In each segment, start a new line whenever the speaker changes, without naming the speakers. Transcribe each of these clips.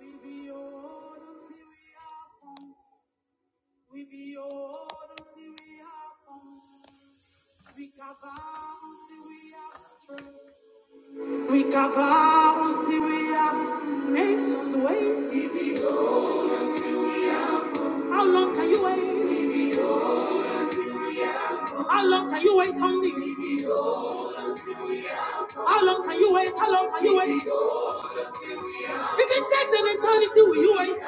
We be your until we are found. We be your until we are found. We cover until we have strength. We cover until we have strength. nations waiting. How long can you wait? How long can you wait on me? How long can you wait? How long can you wait? If it takes an eternity, will you wait?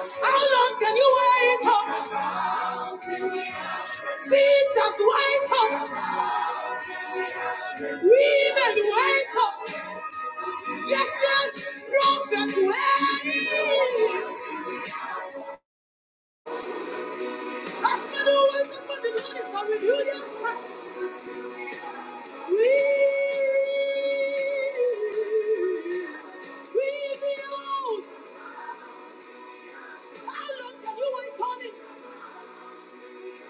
How long can you wait? Up, Teachers wait up. Women wait up. Yes, yes, prophet, wait. Ask the word upon the Lord is to reveal your strength. We, we behold, how long for it honey?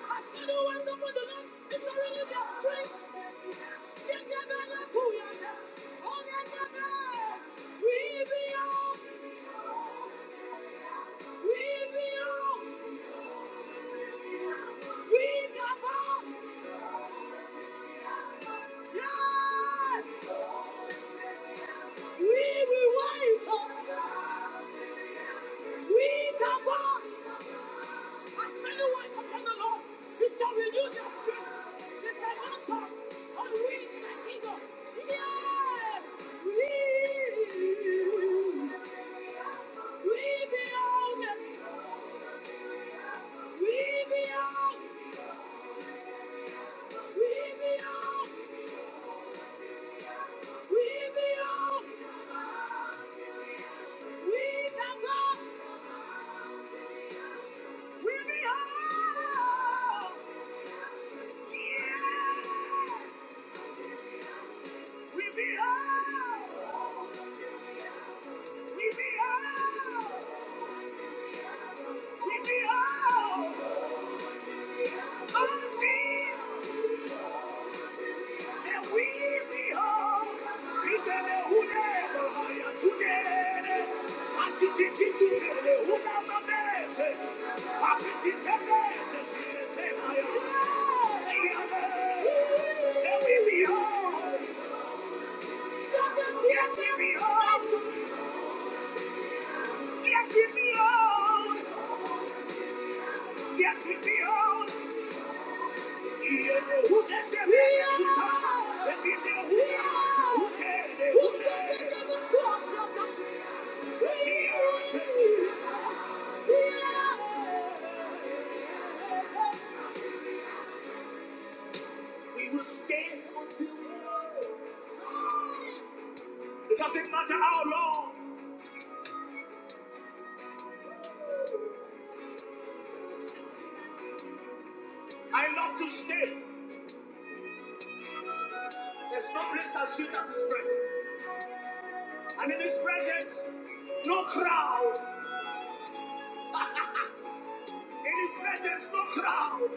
Ask the word upon the Lord is to reveal your strength. Yeah, yeah, yeah, yeah, who you are. Oh, yeah, yeah, yeah. We behold, we cover, yeah. We will wait, we cover. As many words upon the Lord, He shall renew their strength. They shall mount up on wings like eagles. Yes, we, we belong. We belong. We belong. We belong. We to God. We belong. Yes, we belong. We belong. We belong. Until we behold Who's that? Who's that? Who's that? We will stand until we are. It doesn't matter how long. I love to stay. There's no place as sweet as His presence. And in His presence, no crowd. In His presence, no crowd.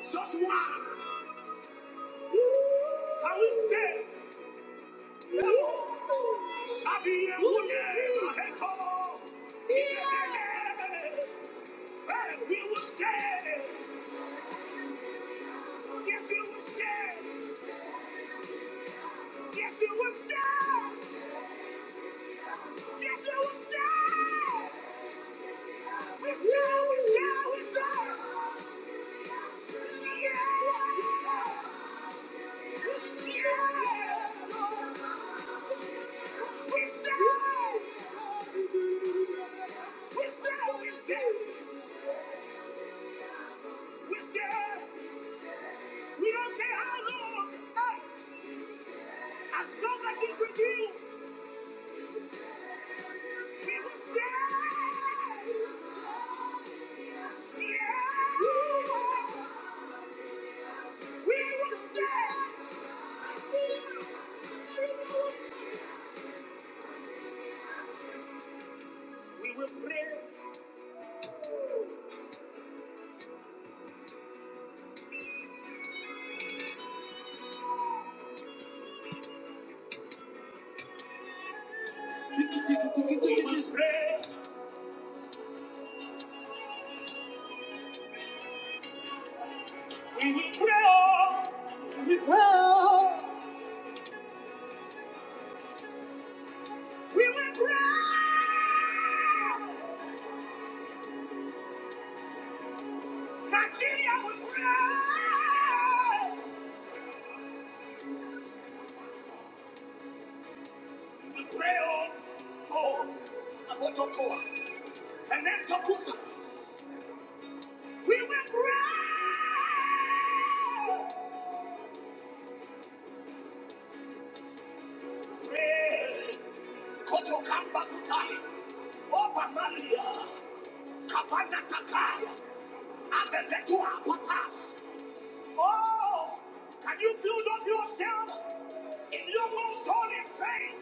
Just one. Can we stay? Hello. Shabi Yehune Maheko. Kidelele. Hey, We will stay. Yes, it was dead. Yes, it was dead. Yes, it was dead. It's now, it's now, it's now. Yeah. Yeah. It's now. It's now, it's dead. It's dead. We don't care how long. Uh, As long as it's with you, we will stay. Yeah. We will stand. We will pray. We will pray. We will pray. We will pray. We will pray. Nigeria will pray. We will pray. Oh, oh, Abotokoa. And We will pray. Kotokamba kutai. Oba Maria. Kapanda takaya. Abebetua patas. Oh, can you build up yourself in your most holy faith?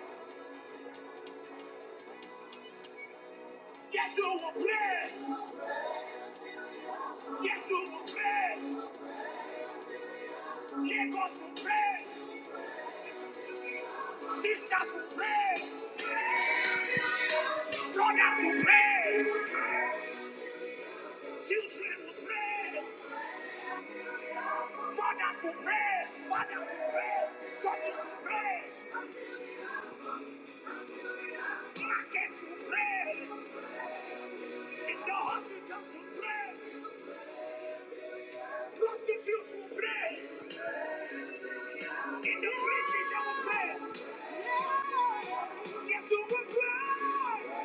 Yes, you will pray. Yes, you will pray. Lagos will pray. Sisters will pray. Brothers will pray. Children will pray. Mothers will pray. Fathers will pray. Churches will pray. Markets will pray. In the hospitals will pray. Prostitutes will pray. In the bridges they will pray. Yes, we will pray.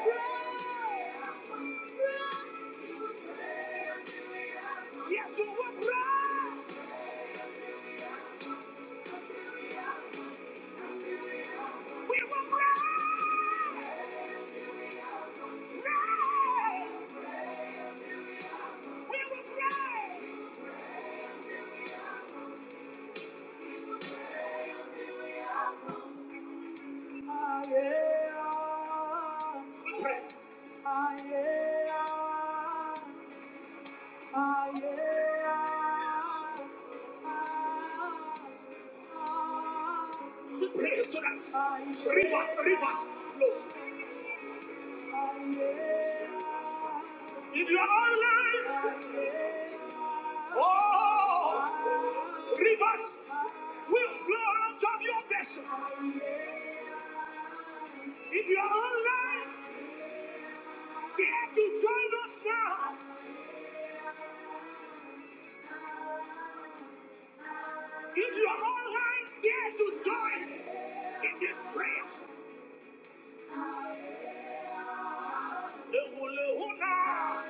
pray, pray. Yes, we will pray. We will pray. Pray. We will pray. Ah, yeah. We pray. Ah, yeah. Pray so that rivers, rivers flow. If you are online, oh, rivers will flow out of your vessel. If you are online, dare to join us now. If you are online, dare to join in this prayer. We will pray,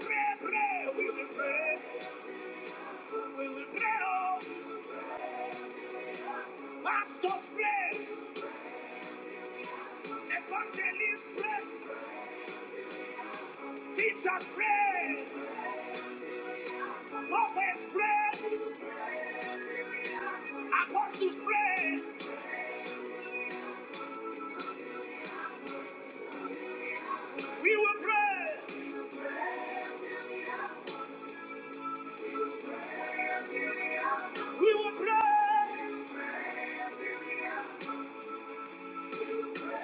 pray, pray, we will pray, we will pray, oh, pastors pray, evangelists pray, teachers pray, prophets pray, apostles pray, we will pray, we will pray. We come on!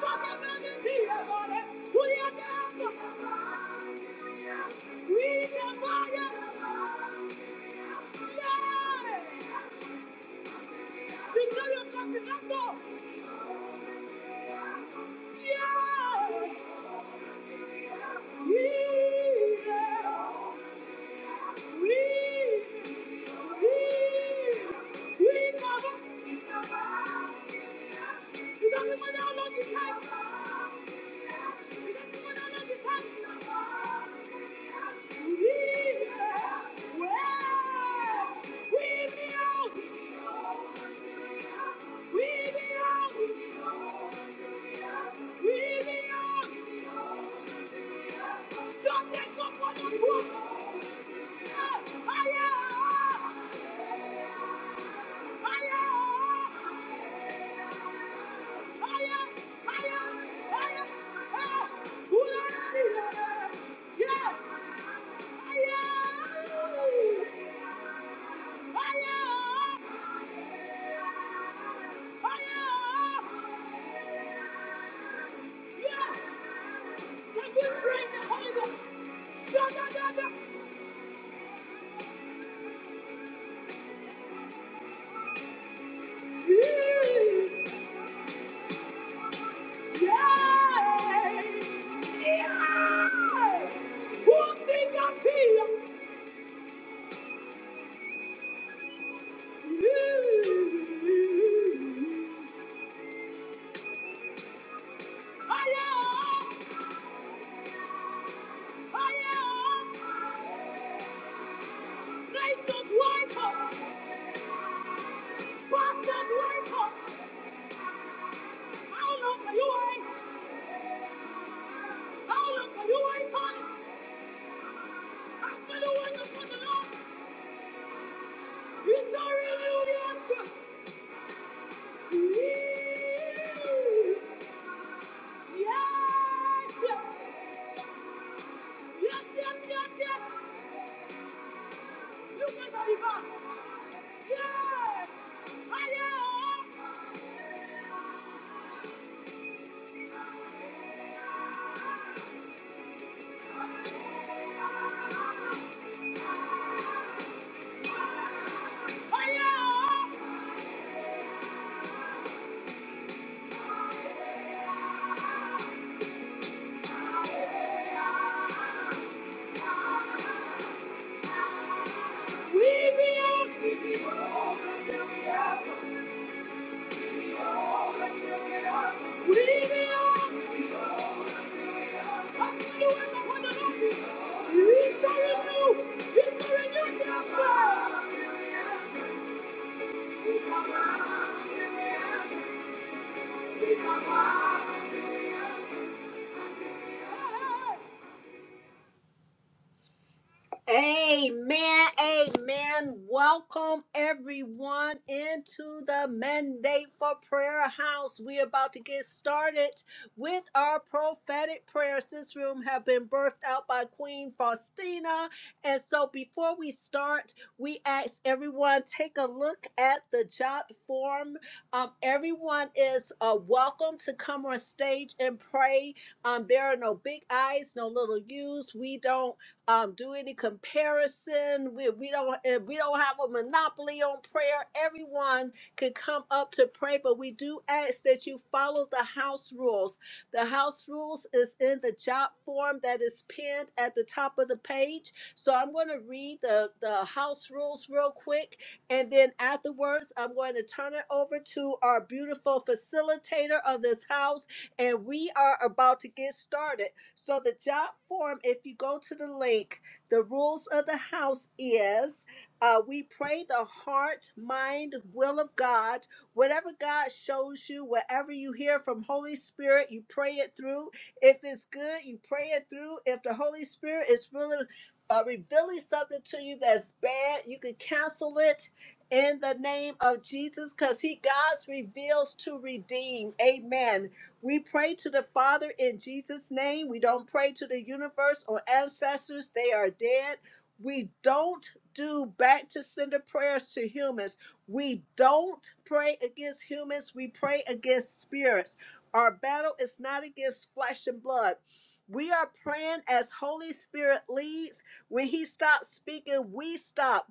Something about the tea, everybody! Put your hands Yeah. Well, we me out. Can you bring the Holy Ghost? Shut up, Yes, yes, yes, yes, yes. Thank you. Amen. Amen. Welcome everyone into the mandate for prayer house. We're about to get started with our prophetic prayers. This room have been birthed out by Queen Faustina. And so before we start, we ask everyone take a look at the jot form. Um, everyone is uh, welcome to come on stage and pray. Um, there are no big I's, no little U's. We don't um, do any comparison. We, we don't eh, we don't have a monopoly on prayer. Everyone can come up to pray, but we do ask that you follow the house rules. The house rules is in the job form that is pinned at the top of the page. So I'm going to read the the house rules real quick and then afterwards, I'm going to turn it over to our beautiful facilitator of this house, and we are about to get started. So, the job form, if you go to the link, the rules of the house is uh, we pray the heart, mind, will of God. Whatever God shows you, whatever you hear from Holy Spirit, you pray it through. If it's good, you pray it through. If the Holy Spirit is really uh, revealing something to you that's bad, you can cancel it in the name of Jesus because He God's reveals to redeem. Amen. We pray to the Father in Jesus' name. We don't pray to the universe or ancestors, they are dead. We don't do back to sender prayers to humans. We don't pray against humans. We pray against spirits. Our battle is not against flesh and blood. We are praying as Holy Spirit leads when he stops speaking, we stop.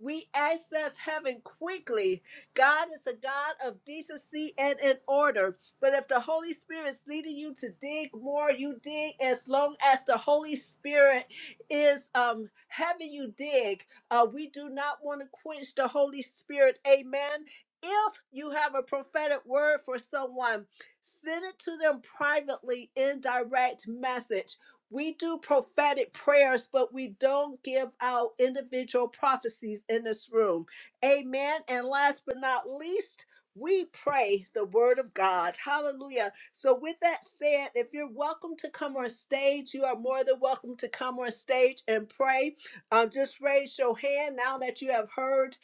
We access heaven quickly. God is a God of decency and in order. But if the Holy Spirit's leading you to dig more, you dig as long as the Holy Spirit is um having you dig. Uh, we do not want to quench the Holy Spirit. Amen. If you have a prophetic word for someone, send it to them privately in direct message we do prophetic prayers, but we don't give out individual prophecies in this room. Amen. And last but not least, we pray the word of God. Hallelujah. So, with that said, if you're welcome to come on stage, you are more than welcome to come on stage and pray. Um, just raise your hand now that you have heard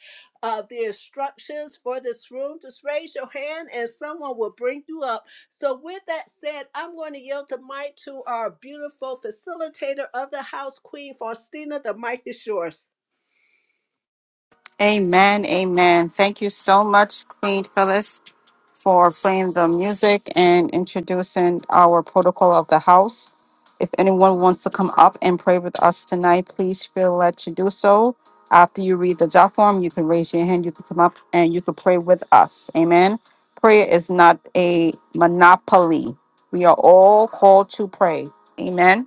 of the instructions for this room, just raise your hand and someone will bring you up. So, with that said, I'm going to yield the mic to our beautiful facilitator of the house, Queen Faustina. The mic is yours.
Amen, amen. Thank you so much, Queen Phyllis, for playing the music and introducing our protocol of the house. If anyone wants to come up and pray with us tonight, please feel led to do so. After you read the job form, you can raise your hand, you can come up and you can pray with us. Amen. Prayer is not a monopoly. We are all called to pray. Amen.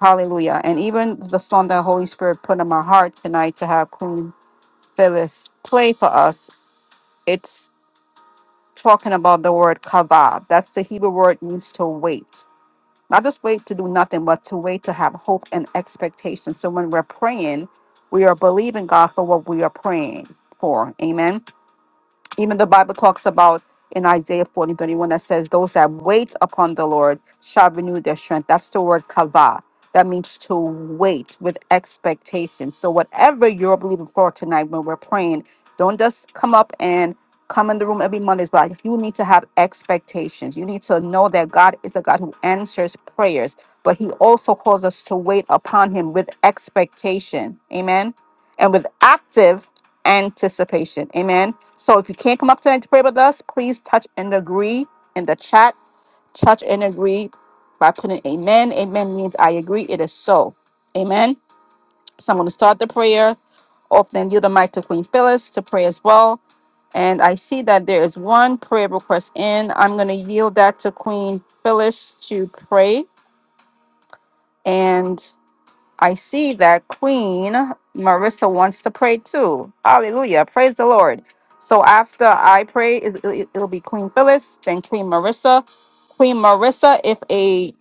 Hallelujah. And even the song that Holy Spirit put in my heart tonight to have Queen Phyllis, play for us, it's talking about the word kava. That's the Hebrew word means to wait. Not just wait to do nothing, but to wait to have hope and expectation. So when we're praying, we are believing God for what we are praying for. Amen. Even the Bible talks about in Isaiah 40 31 that says, Those that wait upon the Lord shall renew their strength. That's the word kava. That means to wait with expectation. So, whatever you're believing for tonight when we're praying, don't just come up and come in the room every Monday. But you need to have expectations. You need to know that God is the God who answers prayers, but He also calls us to wait upon Him with expectation. Amen. And with active anticipation. Amen. So if you can't come up tonight to pray with us, please touch and agree in the chat. Touch and agree by putting amen. Amen means I agree. It is so. Amen. So I'm going to start the prayer off, then yield the mic to Queen Phyllis to pray as well. And I see that there is one prayer request in. I'm going to yield that to Queen Phyllis to pray. And I see that Queen Marissa wants to pray too. Hallelujah. Praise the Lord. So after I pray, it- it- it'll be Queen Phyllis, then Queen Marissa. Queen Marissa, if a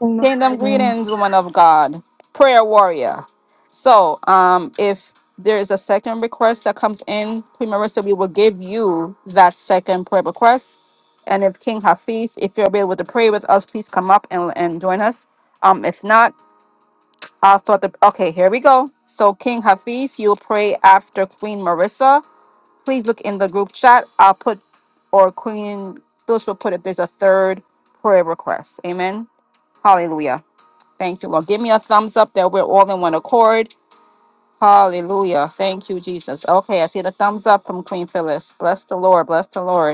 In the
kingdom
burden.
greetings, woman of God, prayer warrior. So um, if there is a second request that comes in, Queen Marissa, we will give you that second prayer request. And if King Hafiz, if you're able to pray with us, please come up and, and join us. Um, if not, I'll start the. Okay, here we go. So, King Hafiz, you'll pray after Queen Marissa. Please look in the group chat. I'll put, or Queen Phyllis will put if there's a third prayer request. Amen. Hallelujah. Thank you, Lord. Give me a thumbs up that we're all in one accord. Hallelujah. Thank you, Jesus. Okay, I see the thumbs up from Queen Phyllis. Bless the Lord. Bless the Lord.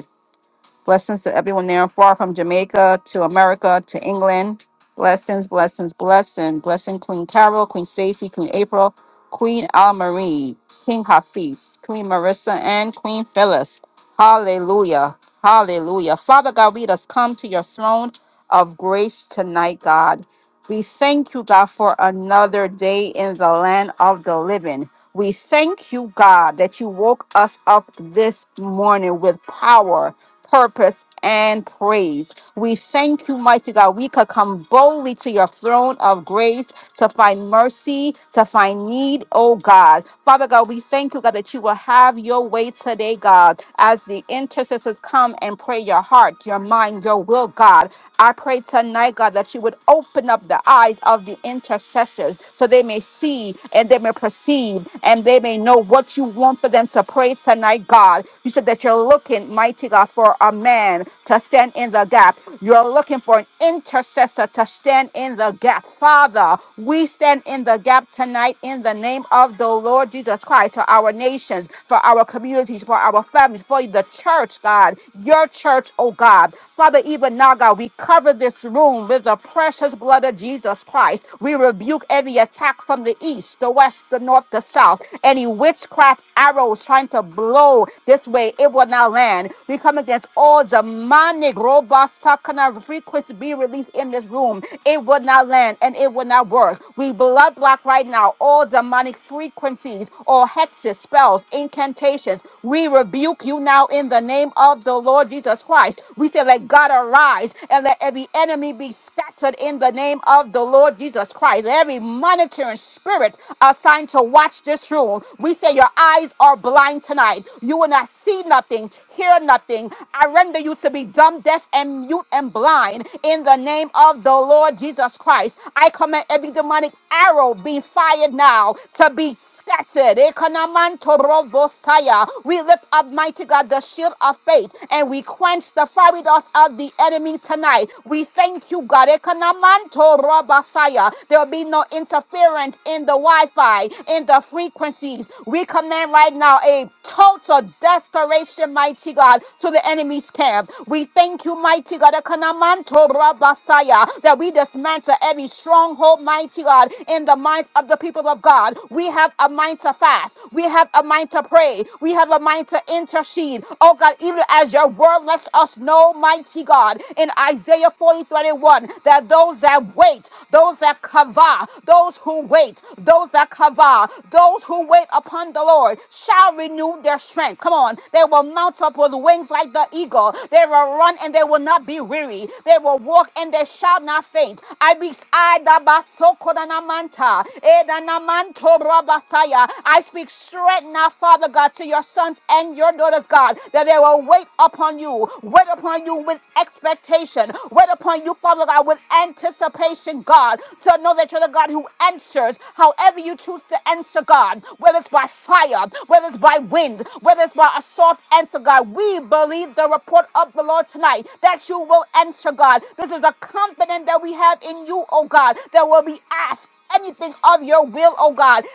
Blessings to everyone near and far from Jamaica to America to England. Blessings, blessings, blessing. Blessing Queen Carol, Queen Stacy, Queen April, Queen Al Marie, King Hafiz, Queen Marissa, and Queen Phyllis. Hallelujah. Hallelujah. Father God, we just come to your throne of grace tonight, God. We thank you, God, for another day in the land of the living. We thank you, God, that you woke us up this morning with power purpose, and praise. We thank you, mighty God. We could come boldly to your throne of grace to find mercy, to find need, oh God. Father God, we thank you, God, that you will have your way today, God, as the intercessors come and pray your heart, your mind, your will, God. I pray tonight, God, that you would open up the eyes of the intercessors so they may see and they may perceive and they may know what you want for them to pray tonight, God. You said that you're looking, mighty God, for a man to stand in the gap. You're looking for an intercessor to stand in the gap. Father, Father, we stand in the gap tonight in the name of the Lord Jesus Christ for our nations, for our communities, for our families, for the church, God, your church, oh God. Father, even now, God, we cover this room with the precious blood of Jesus Christ. We rebuke every attack from the east, the west, the north, the south, any witchcraft arrows trying to blow this way, it will not land. We come against all demonic robots, sakana frequency be released in this room. It will not land plan and it will not work. We blood block right now all demonic frequencies, all hexes, spells, incantations. We rebuke you now in the name of the Lord Jesus Christ. We say, let God arise and let every enemy be scattered in the name of the Lord Jesus Christ. Every monitoring spirit assigned to watch this room, we say, your eyes are blind tonight. You will not see nothing, hear nothing. I render you to be dumb, deaf, and mute and blind in the name of the Lord Jesus. Jesus Christ. I command every demonic arrow being fired now to be scattered. Ekonomantobosaya. We lift up, mighty God, the shield of faith and we quench the fiery darts of the enemy tonight. We thank you, God. Ekonomantorobosaya. There will be no interference in the Wi Fi, in the frequencies. We command right now a total desperation, mighty God, to the enemy's camp. We thank you, mighty God, Ekonomantorobosaya, that that we dismantle every stronghold, mighty God, in the minds of the people of God. We have a mind to fast. We have a mind to pray. We have a mind to intercede. Oh God, even as your word lets us know, mighty God, in Isaiah 40 31, that those that wait, those that kava, those who wait, those that kava, those who wait upon the Lord shall renew their strength. Come on. They will mount up with wings like the eagle. They will run and they will not be weary. They will walk and they shall not faint. I be I da basokodanamanta, edanamanto rabasaya. I speak strength now, Father God, to your sons and your daughters, God, that they will wait upon you, wait upon you with expectation, wait upon you, Father God, with anticipation, God, to know that you're the God who answers however you choose to answer, God, whether it's by fire, whether it's by wind, whether it's by a soft answer, God. We believe the report of the Lord tonight that you will answer, God. This is a confidence that we have in you, oh God, that will be asked anything of your will, oh God.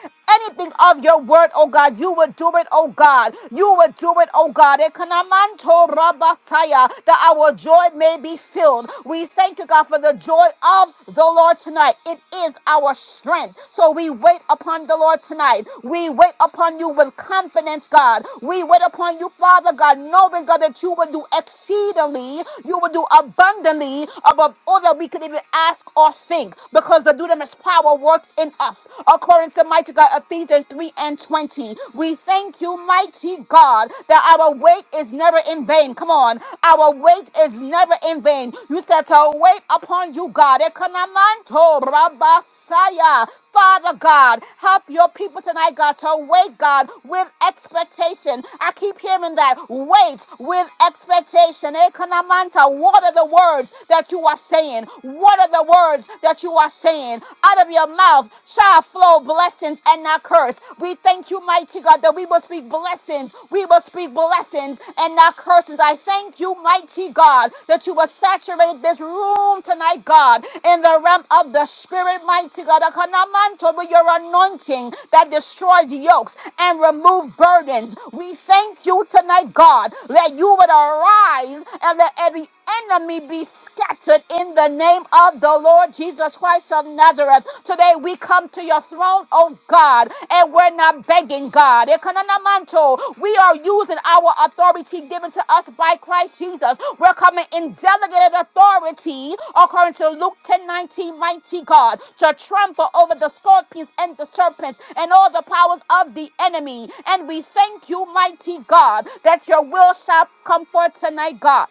Anything of your word, oh God, you will do it, oh God. You will do it, oh God. Ekanamanto rabasaya, That our joy may be filled. We thank you, God, for the joy of the Lord tonight. It is our strength. So we wait upon the Lord tonight. We wait upon you with confidence, God. We wait upon you, Father God, knowing, God, that you will do exceedingly, you will do abundantly abundantly above all that we could even ask or think, because the dunamis power works in us. According to mighty God, Ephesians 3 and 20, we thank you, mighty God, that our wait is never in vain. Come on, our wait is never in vain. You said to wait upon you, God. Ekanamanto rabasaya. Father God, help your people tonight, God, to wait, God, with expectation. I keep hearing that wait with expectation. Ekanamanta, what are the words that you are saying? What are the words that you are saying? Out of your mouth shall flow blessings and not curse. We thank you, mighty God, that we will speak blessings. We will speak blessings and not curses. I thank thank you, mighty God, that you will saturate this room tonight, God, in the realm of the Spirit, mighty God. Akanamanto, with your anointing that destroys yokes and remove burdens. We thank you tonight, God, that you would arise and that every enemy be scattered in the name of the Lord Jesus Christ of Nazareth. Today we come to your throne throne, oh God, and we're not begging God. Ekananamanto, We are using our authority given to us by Christ Jesus. We're coming in delegated authority, according to Luke 10 19, mighty God, to trample over the scorpions and the serpents and all the powers of the enemy. And we thank you, mighty God, that your will shall come forth tonight, God.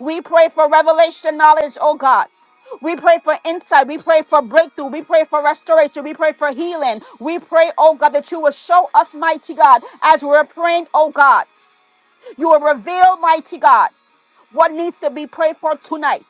We pray for revelation knowledge, oh God. We pray for insight. We pray for breakthrough. We pray for restoration. We pray for healing. We pray, oh God, that you will show us, mighty God, as we're praying, oh God. You will reveal, mighty God, what needs to be prayed for tonight.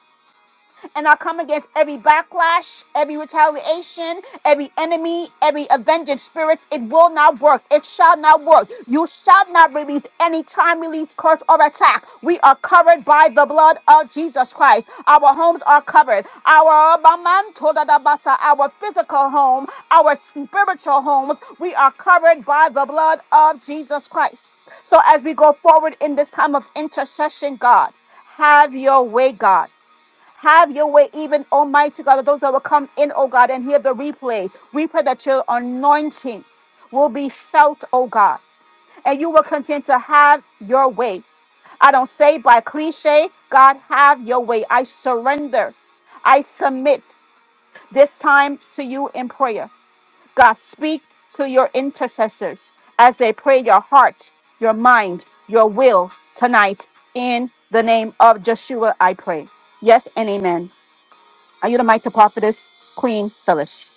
And I come against every backlash, every retaliation, every enemy, every avenging spirits. It will not work. It shall not work. You shall not release any time release, curse, or attack. We are covered by the blood of Jesus Christ. Our homes are covered. Our our physical home, our spiritual homes, we are covered by the blood of Jesus Christ. So as we go forward in this time of intercession, God, have your way, God. Have your way, even Almighty God, that those that will come in, oh God, and hear the replay. We pray that your anointing will be felt, oh God, and you will continue to have your way. I don't say by cliche, God, have your way. I surrender. I submit this time to you in prayer. God, speak to your intercessors as they pray your heart, your mind, your will tonight. In the name of Joshua, I pray. Yes and amen. I yield the mic to prophetess Queen Phyllis.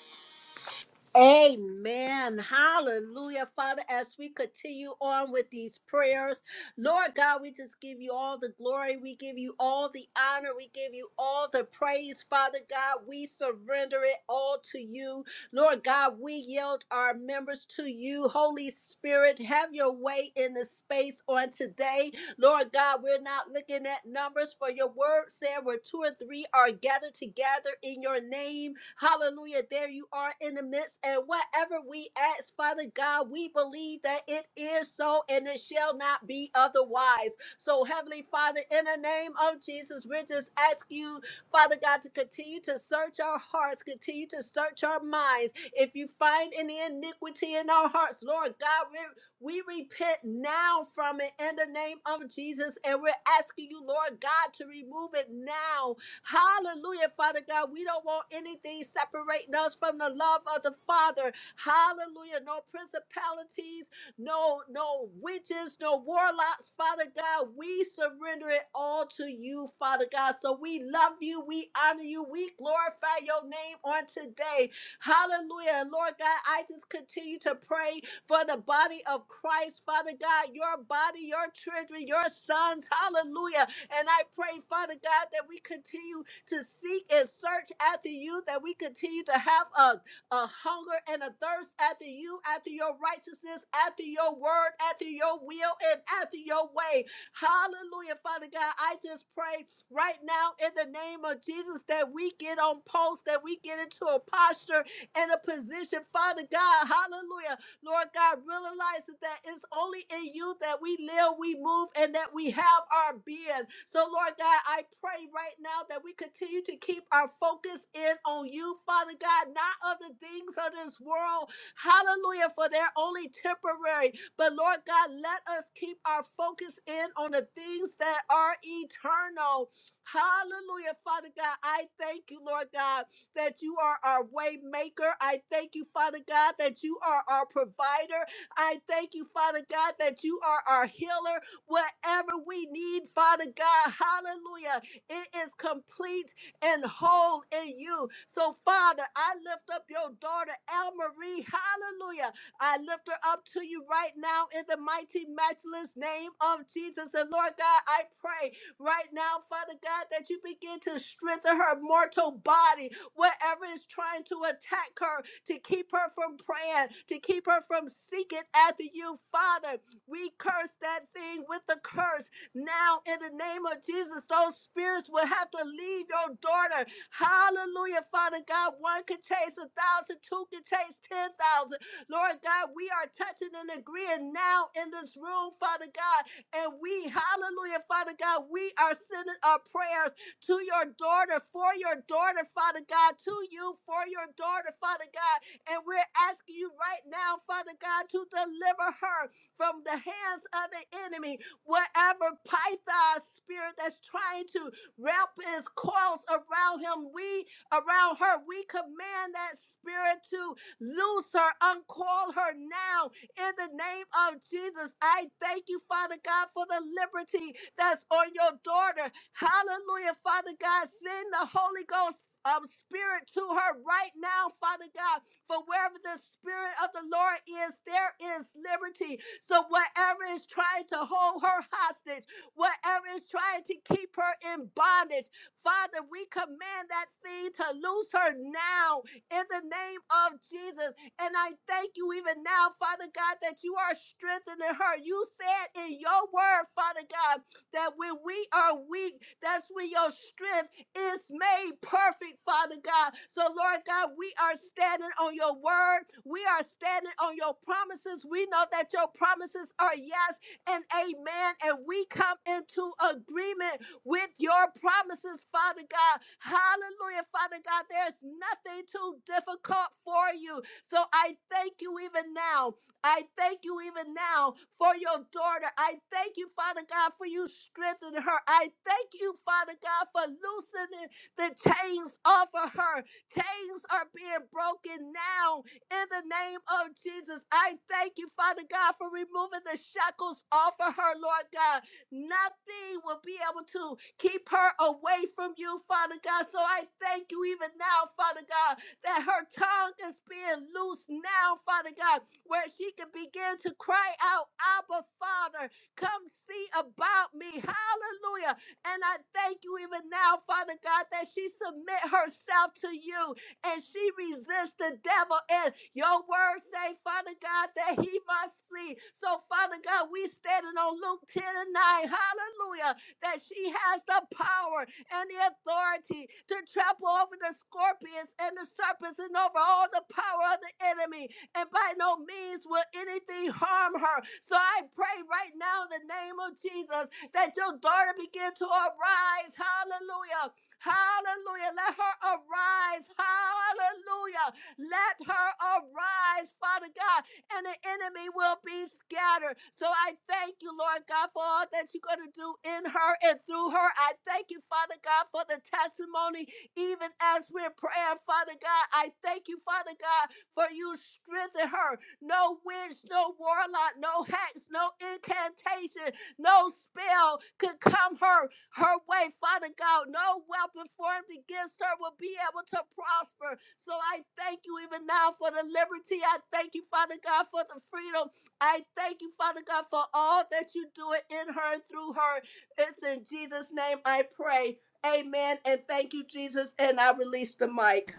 Amen. Hallelujah. Father, as we continue on with these prayers, Lord God, we just give you all the glory. We give you all the honor. We give you all the praise, Father God. We surrender it all to you. Lord God, we yield our members to you. Holy Spirit, have your way in the space on today. Lord God, we're not looking at numbers, for your word said where two or three are gathered together in your name. Hallelujah. There you are in the midst. And whatever we ask, Father God, we believe that it is so and it shall not be otherwise. So, Heavenly Father, in the name of Jesus, we just ask you, Father God, to continue to search our hearts, continue to search our minds. If you find any iniquity in our hearts, Lord God, we we repent now from it in the name of Jesus, and we're asking you, Lord God, to remove it now Hallelujah, Father God. We don't want anything separating us from the love of the Father. Hallelujah. No principalities, no, no witches, no warlocks, Father God. We surrender it all to you, Father God. So we love you, we honor you, we glorify your name on today. Hallelujah. And Lord God, I just continue to pray for the body of Christ, Father God, your body, your children, your sons. Hallelujah. And I pray, Father God, that we continue to seek and search after you, that we continue to have a, a hunger and a thirst after you, after your righteousness, after your word, after your will, and after your way. Hallelujah, Father God. I just pray right now in the name of Jesus that we get on post, that we get into a posture and a position, Father God. Hallelujah. Hallelujah. Lord God, realize that that it's only in you that we live, we move, and that we have our being. So, Lord God, I pray right now that we continue to keep our focus in on you, Father God, not of the things of this world. Hallelujah, for they're only temporary. But, Lord God, let us keep our focus in on the things that are eternal. Hallelujah, Father God. I thank you, Lord God that you are our way maker. I thank you, Father God, that you are our provider. I thank you, Father God, that you are our healer. Whatever we need, Father God, hallelujah, it is complete and whole in you. So, Father, I lift up your daughter, El Marie. Hallelujah. I lift her up to you right now in the mighty, matchless name of Jesus. And Lord God, I pray right now, Father God, that you begin to strengthen her mortal body, whatever is trying to attack her, to keep her from praying, to keep her from seeking after you, Father. We curse that thing with the the curse. Now, in the name of Jesus, those spirits will have to leave your daughter. Hallelujah, Father God. One can chase a thousand, two can chase ten thousand. Lord God, we are touching and agreeing now in this room, Father God. And we, hallelujah, Father God, we are sending our prayers to your daughter, for your daughter, Father God, to you, for your daughter, Father God. And we're asking you right right now, Father God, to deliver her from the hands of the enemy. Wherever Python spirit that's trying to wrap his coils around him, we around her, we command that spirit to loose her, uncoil her now in the name of Jesus. I thank you, Father God, for the liberty that's on your daughter. Hallelujah, Father God. Send the Holy Ghost um, spirit to her right now, Father God. For wherever the spirit of the Lord is, there is liberty. So whatever is trying to hold her hostage, whatever is trying to keep her in bondage, Father, we command that thing to loose her now in the name of Jesus. And I thank you even now, Father God, that you are strengthening her. You said in your word, Father God that when we are weak, that's when your strength is made perfect, Father God. So, Lord God, we are standing on your word. We are standing on your promises. We know that your promises are yes and amen. And we come into agreement with your promises, Father God. Hallelujah, Father God. There's nothing too difficult for you. So I thank you even now I thank you even now for your daughter. I thank you, Father God, for you strengthening her. I thank you, Father God, for loosening the chains off of her. Chains are being broken now in the name of Jesus. I thank you, Father God, for removing the shackles off of her, Lord God. Nothing will be able to keep her away from you, Father God. So I thank you even now, Father God, that her tongue is being loose now, Father God, where she can begin to cry out, Abba, Father. Father. Come see about me. Hallelujah. And I thank you even now, Father God, that she submit herself to you and she resists the devil. And your words say, Father God, that he must flee. So, Father God, we standing on Luke 10 and 9. Hallelujah. That she has the power and the authority to trample over the scorpions and the serpents and over all the power of the enemy, and by no means will anything harm her. So I pray right now in the name of Jesus that your daughter begin to arise. Hallelujah. Hallelujah. Let her arise. Hallelujah. Let her arise, Father God, and the enemy will be scattered. So I thank you, Lord God, for all that you're going to do in her and through her. I thank you, Father God, for the testimony, even as we're praying, Father God. I thank you, Father God, for you strengthen her. No witch, no warlock, no hex, no incantation, no spell could come her her way, Father God. No weapon formed against her will be able to prosper. So I thank you even now for the liberty. I thank you, Father God, for the freedom. I thank you, Father God, for all that you do it in her and through her. It's in Jesus' name I pray. Amen. And thank you, Jesus. And I release the mic.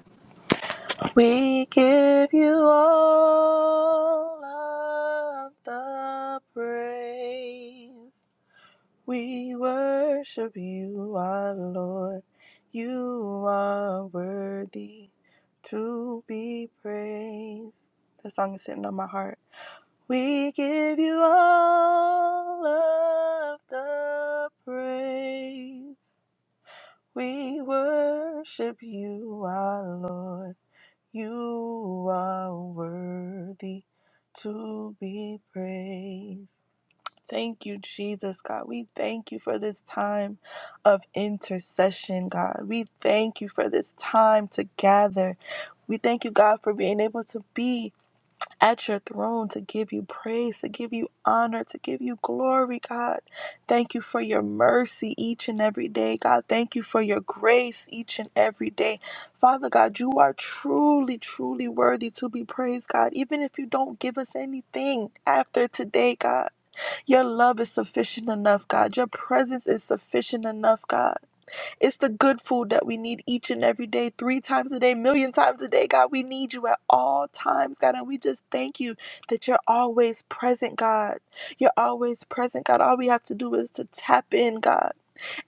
We give you all of the praise. We worship you, our Lord. You are worthy to be praised. That song is sitting on my heart. We give you all of the praise. We worship you, our Lord. You are worthy to be praised. Thank you, Jesus, God. We thank you for this time of intercession, God. We thank you for this time to gather. We thank you, God, for being able to be at your throne to give you praise, to give you honor, to give you glory, God. Thank you for your mercy each and every day, God. Thank you for your grace each and every day. Father God, you are truly, truly worthy to be praised, God. Even if you don't give us anything after today, God, your love is sufficient enough, God. Your presence is sufficient enough, God. It's the good food that we need each and every day, three times a day, million times a day. God, we need you at all times, God. And we just thank you that you're always present, God. You're always present, God. All we have to do is to tap in, God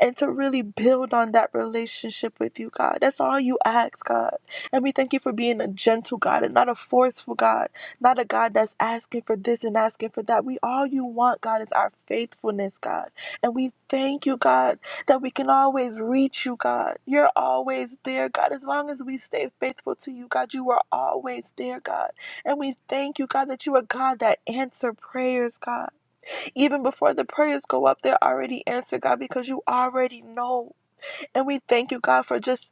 and to really build on that relationship with you, God. That's all you ask, God. And we thank you for being a gentle God and not a forceful God, not a God that's asking for this and asking for that. We all you want, God, is our faithfulness, God. And we thank you, God, that we can always reach you, God. You're always there, God. As long as we stay faithful to you, God, you are always there, God. And we thank you, God, that you are God that answer prayers, God. Even before the prayers go up, they're already answered, God, because you already know. And we thank you, God, for just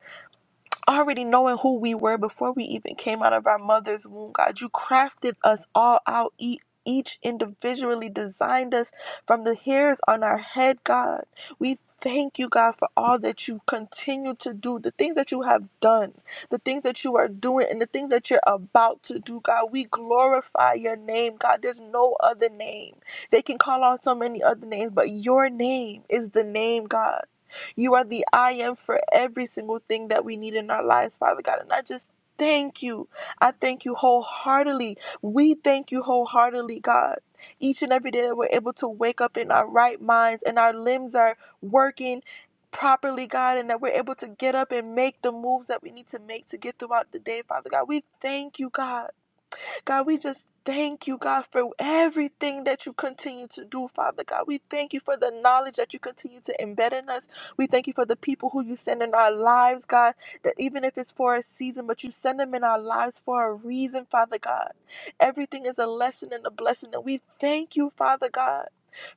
already knowing who we were before we even came out of our mother's womb, God. You crafted us all out, e- each individually designed us from the hairs on our head, God. We thank you, God, for all that you continue to do, the things that you have done, the things that you are doing, and the things that you're about to do, God. We glorify your name, God. There's no other name. They can call on so many other names, but your name is the name, God. You are the I am for every single thing that we need in our lives, Father God. And I just thank you. I thank you wholeheartedly. We thank you wholeheartedly, God. Each and every day that we're able to wake up in our right minds and our limbs are working properly, God, and that we're able to get up and make the moves that we need to make to get throughout the day, Father God. We thank you, God. God, we just thank you, God, for everything that you continue to do, Father God. We thank you for the knowledge that you continue to embed in us. We thank you for the people who you send in our lives, God, that even if it's for a season, but you send them in our lives for a reason, Father God. Everything is a lesson and a blessing, and we thank you, Father God.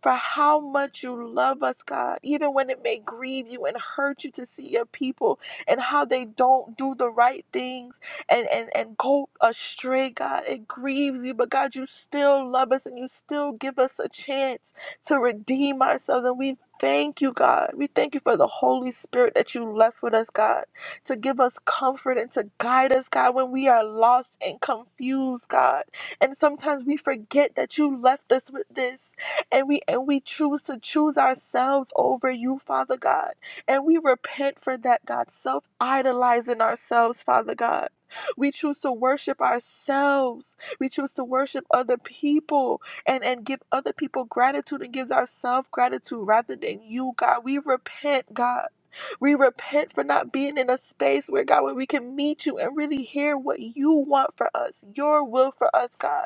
For how much you love us, God, even when it may grieve you and hurt you to see your people and how they don't do the right things and, and, and go astray, God. It grieves you, but God, you still love us and you still give us a chance to redeem ourselves. And we thank you, God. We thank you for the Holy Spirit that you left with us, God, to give us comfort and to guide us, God, when we are lost and confused, God. And sometimes we forget that you left us with this. And we and we choose to choose ourselves over you, Father God. And we repent for that, God, self idolizing ourselves, Father God. We choose to worship ourselves. We choose to worship other people and, and give other people gratitude and gives ourselves gratitude rather than you, God. We repent, God. We repent for not being in a space where God, where we can meet you and really hear what you want for us, your will for us, God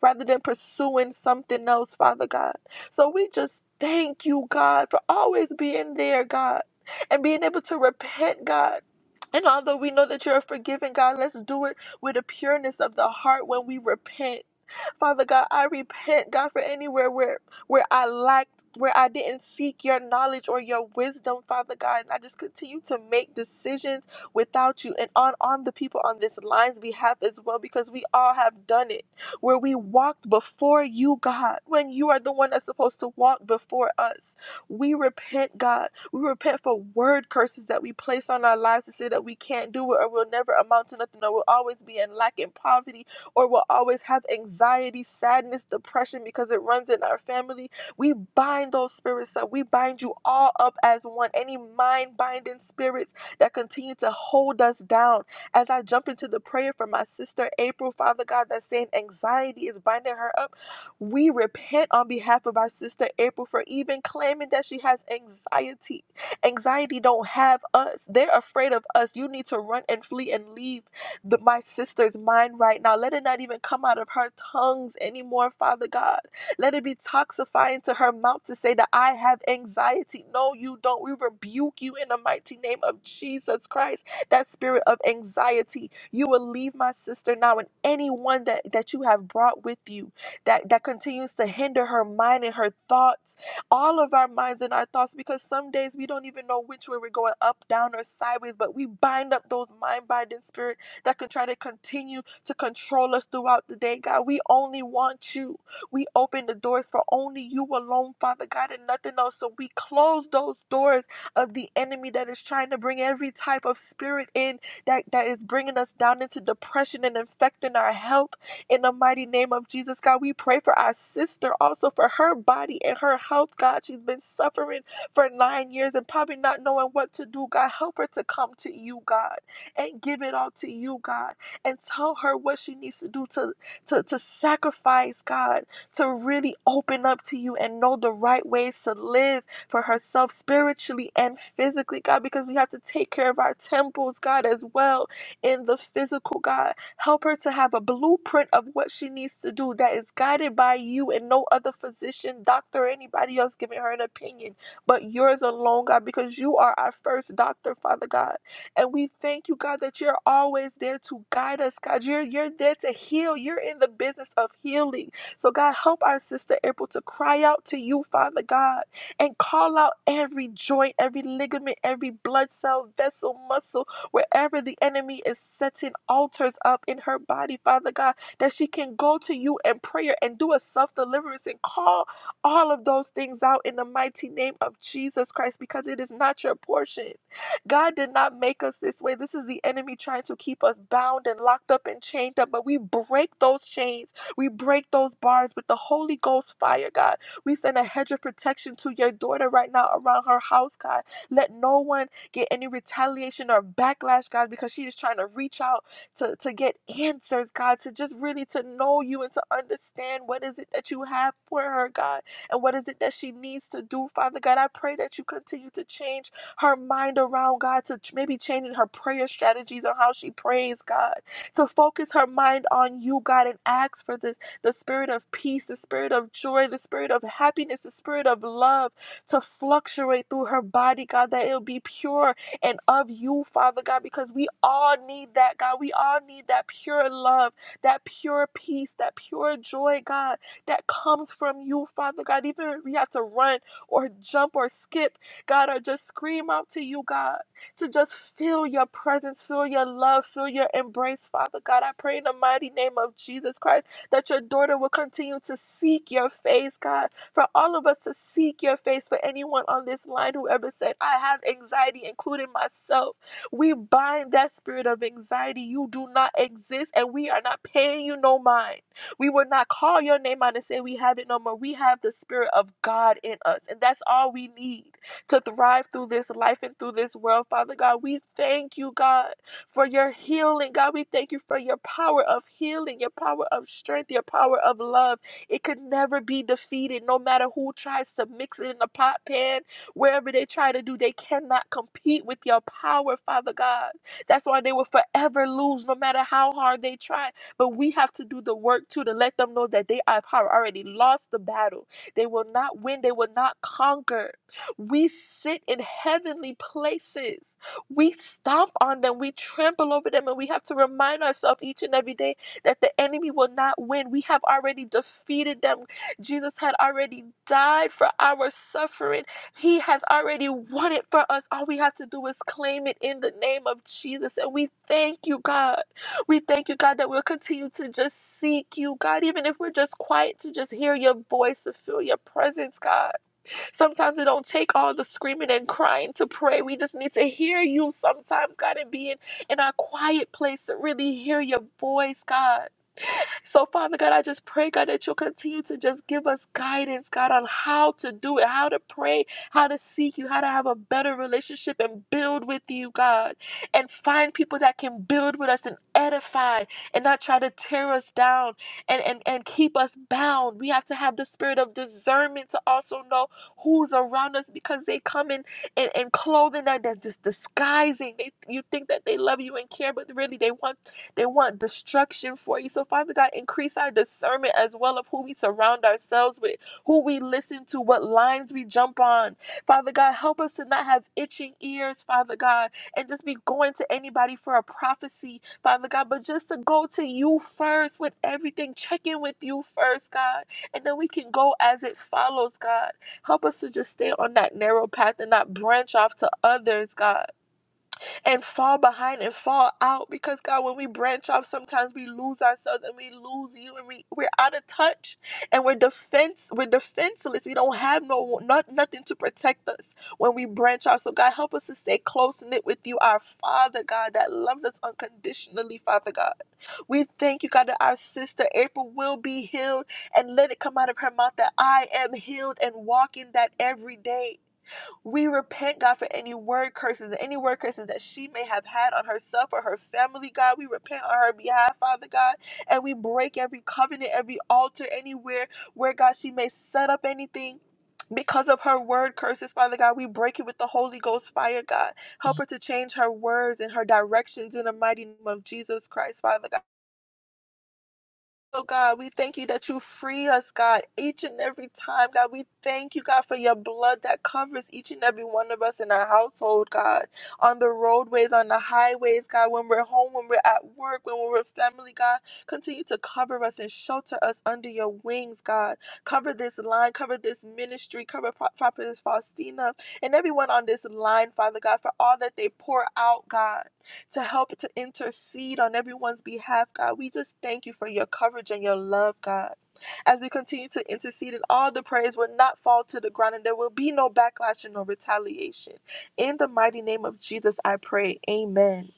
rather than pursuing something else, Father God. So we just thank you, God, for always being there, God, and being able to repent, God. And although we know that you're a forgiving God, let's do it with a pureness of the heart when we repent. Father God, I repent, God, for anywhere where where I lacked, where I didn't seek your knowledge or your wisdom, Father God. And I just continue to make decisions without you and on, on the people on this line's behalf as well, because we all have done it. Where we walked before you, God, when you are the one that's supposed to walk before us. We repent, God. We repent for word curses that we place on our lives to say that we can't do it or we'll never amount to nothing or we'll always be in lack and poverty or will always have anxiety, sadness, depression because it runs in our family. We bind those spirits up. We bind you all up as one. Any mind binding spirits that continue to hold us down. As I jump into the prayer for my sister April, Father God, that's saying anxiety is binding her up. We repent on behalf of our sister April for even claiming that she has anxiety. Anxiety don't have us. They're afraid of us. You need to run and flee and leave the, my sister's mind right now. Let it not even come out of her tongues anymore, Father God. Let it be toxifying to her mouth to say that I have anxiety. No, you don't. We rebuke you in the mighty name of Jesus Christ. That spirit of anxiety, you will leave my sister now and anyone that, that you have brought with you that, that continues to hinder her mind and her thoughts, all of our minds and our thoughts, because some days we don't even know which way we're going up, down, or sideways, but we bind up those mind binding spirits that could try to continue to control us throughout the day, God. We only want you. We open the doors for only you alone, Father God, and nothing else. So we close those doors of the enemy that is trying to bring every type of spirit in that, that is bringing us down into depression and infecting our health in the mighty name of Jesus, God. We pray for our sister also for her body and her health, God. She's been suffering for nine years and probably not knowing what to do, God. Help her to come to you, God and give it all to you, God, and tell her what she needs to do to, to, to sacrifice, God, to really open up to you and know the right ways to live for herself spiritually and physically, God, because we have to take care of our temples, God, as well in the physical, God. Help her to have a blueprint of what she needs to do that is guided by you and no other physician, doctor, or anybody else giving her an opinion, but yours alone, God, because you are our first doctor, Father God. And we thank you, God, that you're always there to guide us, God. You're, you're there to heal. You're in the business of healing. So, God, help our sister April to cry out to you, Father God, and call out every joint, every ligament, every blood cell, vessel, muscle, wherever the enemy is setting altars up in her body, Father God, that she can go to you in prayer and do a self deliverance and call all of those things out in the mighty name of Jesus Christ because it is not your portion. God did not make us this way. This is the enemy trying to keep us bound and locked up and chained up. But we break those chains. We break those bars with the Holy Ghost fire, God. We send a hedge of protection to your daughter right now around her house, God. Let no one get any retaliation or backlash, God, because she is trying to reach out to, to get answers, God, to just really to know you and to understand what is it that you have for her, God, and what is it that she needs to do, Father God. I pray that you continue to change her mind around God, to ch- maybe changing her prayer strategies on how she prays, God, to focus her mind on you, God, and ask for this the spirit of peace, the spirit of joy, the spirit of happiness, the spirit of love to fluctuate through her body, God, that it'll be pure and of you, Father God, because we all need that, God. We all need that pure love, that pure peace, that pure joy, God, that comes from you, Father God. Even if we have to run or jump or skip, God, I just scream out to you, God, to just feel your presence, feel your love, feel your embrace, Father God. I pray in the mighty name of Jesus Christ that your daughter will continue to seek your face, God, for all of us to seek your face, for anyone on this line who ever said, I have anxiety, including myself. We bind that spirit of anxiety. You do not exist, and we are not paying you no mind. We will not call your name out and say we have it no more. We have the spirit of God in us, and that's all we need to thrive through this life and through this world, Father God. We thank you, God, for your healing. God, we thank you for your power of healing, your power of strength, your power of love. It could never be defeated, no matter who tries to mix it in the pot pan, wherever they try to do, they cannot compete with your power, Father God. That's why they will forever lose, no matter how hard they try. But we have to do the work too to let them know that they have already lost the battle. They will not win, they will not conquer. We sit in heavenly places. We stomp on them. We trample over them. And we have to remind ourselves each and every day that the enemy will not win. We have already defeated them. Jesus had already died for our suffering. He has already won it for us. All we have to do is claim it in the name of Jesus. And we thank you, God. We thank you, God, that we'll continue to just seek you, God, even if we're just quiet to just hear your voice, to feel your presence, God. Sometimes it don't take all the screaming and crying to pray. We just need to hear you sometimes, God, and be in, in our quiet place to really hear your voice, God. So, Father God, I just pray, God, that you'll continue to just give us guidance, God, on how to do it, how to pray, how to seek you, how to have a better relationship and build with you, God, and find people that can build with us and edify and not try to tear us down and, and, and keep us bound. We have to have the spirit of discernment to also know who's around us because they come in and in clothing that, that's just disguising. They, you think that they love you and care, but really they want they want destruction for you. So, Father God, increase our discernment as well of who we surround ourselves with, who we listen to, what lines we jump on. Father God, help us to not have itching ears, Father God, and just be going to anybody for a prophecy, Father God, but just to go to you first with everything. Check in with you first, God, and then we can go as it follows, God. Help us to just stay on that narrow path and not branch off to others, God and fall behind and fall out because God, when we branch off, sometimes we lose ourselves and we lose you and we, we're out of touch and we're defense we're defenseless. We don't have no not nothing to protect us when we branch off. So God help us to stay close knit with you, our Father God that loves us unconditionally, Father God. We thank you, God, that our sister April will be healed and let it come out of her mouth that I am healed and walk in that every day. We repent, God, for any word curses, any word curses that she may have had on herself or her family, God. We repent on her behalf, Father God, and we break every covenant, every altar, anywhere where, God, she may set up anything. Because of her word curses, Father God, we break it with the Holy Ghost fire, God. Help her to change her words and her directions in the mighty name of Jesus Christ, Father God. Oh God, we thank you that you free us, God, each and every time. God, we thank you, God, for your blood that covers each and every one of us in our household, God, on the roadways, on the highways, God, when we're home, when we're at work, when we're with family, God. Continue to cover us and shelter us under your wings, God. Cover this line, cover this ministry, cover Pro- Prophetess Faustina and everyone on this line, Father God, for all that they pour out, God to help to intercede on everyone's behalf, God. We just thank you for your coverage and your love, God. As we continue to intercede, and all the prayers will not fall to the ground, and there will be no backlash and no retaliation. In the mighty name of Jesus, I pray. Amen.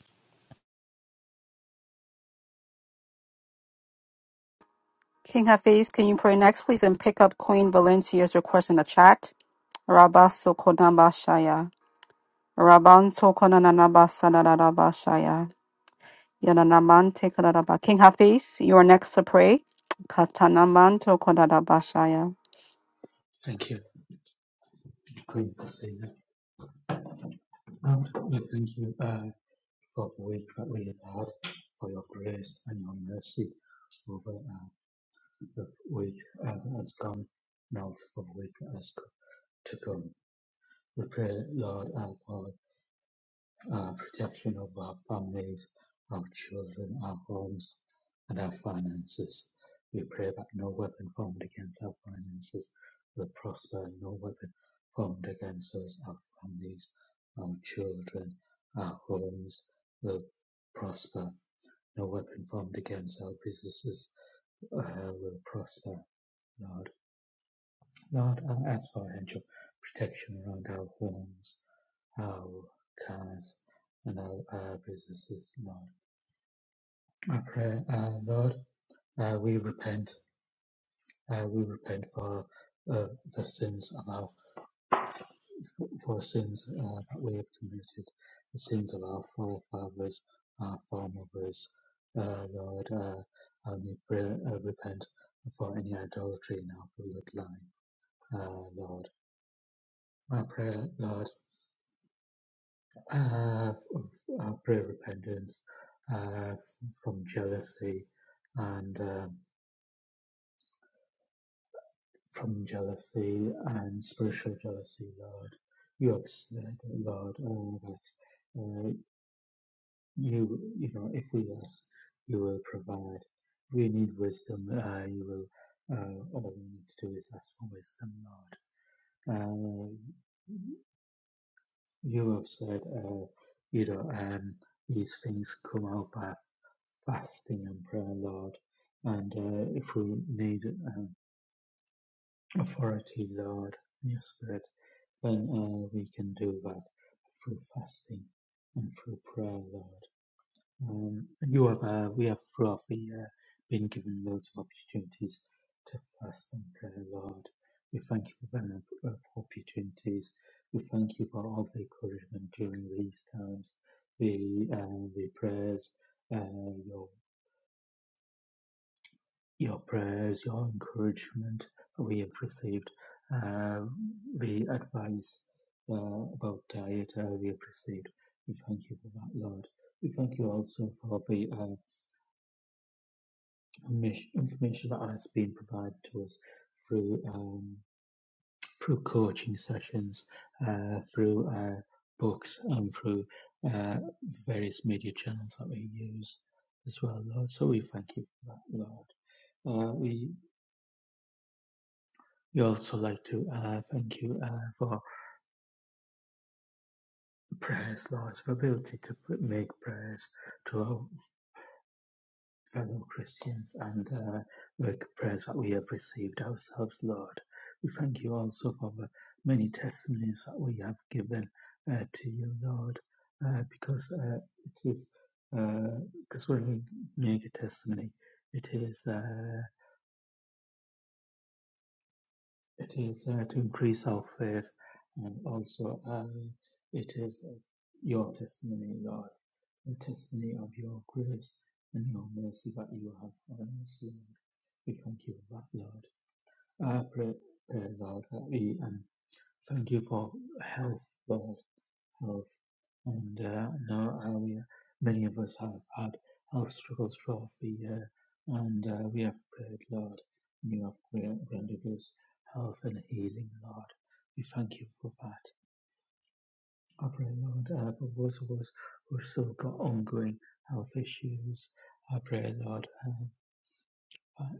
King Hafiz, can you pray next, please, and pick up Queen Valencia's request in the chat? Rabba Sokonaba Shaya. Rabban Sokonanaba Sanadaba Shaya. Yananaman Tekanaba. King Hafiz, you are next to pray. Katanaman Tokonadaba Shaya.
Thank you, Queen Faustina. And we thank you uh, for the week that we have had, for your grace and your mercy over uh, the week uh, that has gone, and also for the week that has co- to come. We pray, Lord, uh, for uh, protection of our families, our children, our homes, and our finances. We pray that no weapon formed against our finances will prosper, no weapon formed against us, our families, our children, our homes will prosper. No weapon formed against our businesses uh, will prosper, Lord. Lord, I ask for angel protection around our homes, our comes and our businesses, Lord. I pray, uh, Lord, that we repent. Uh, we repent for uh, the sins of our for sins uh, that we have committed, the sins of our forefathers, our foremothers. Uh, Lord, uh, and we pray, uh, repent for any idolatry in our bloodline. Uh, Lord, I pray, Lord. uh, uh, prayer repentance uh, from jealousy and uh, from jealousy and spiritual jealousy, Lord. You have said, Lord, uh, that uh, you, you know, if we ask, you will provide. We need wisdom. Uh, you will. Uh, all we need to do is ask for wisdom, Lord. Uh, you have said, uh, you know, um, these things come out by fasting and prayer, Lord. And uh, if we need um, authority, Lord, in your spirit, then uh, we can do that through fasting and through prayer, Lord. Um, you have, uh, we have throughout the year been given loads of opportunities to fast and pray, Lord. We thank you for them uh, opportunities. We thank you for all the encouragement during these times, the uh, the prayers, uh, your Your prayers, your encouragement we have received, uh, the advice uh, about diet uh, we have received. We thank you for that, Lord. We thank you also for the uh, informa- information that has been provided to us through um, through coaching sessions, uh, through uh, books, and through uh, various media channels that we use as well, Lord. So we thank you for that, Lord. Uh, we We also like to uh, thank you uh, for prayers, Lord's ability to pr- make prayers to our fellow Christians and uh, make prayers that we have received ourselves, Lord. We thank you also for the many testimonies that we have given uh, to you, Lord, uh, because uh, it is because when we make a testimony, it is. Uh, It is uh, to increase our faith and also uh, it is uh, your testimony, Lord, the testimony of your grace and your mercy that you have on us, Lord. We thank you for that, Lord. I pray, pray Lord, that we and thank you for health, Lord. health and uh, I know how we, uh, many of us have had health struggles throughout the year, and uh, we have prayed, Lord, and you have gra- granted us health and healing, Lord. We thank you for that. I pray, Lord, uh, for those of us who have still got ongoing health issues. I pray, Lord, um, that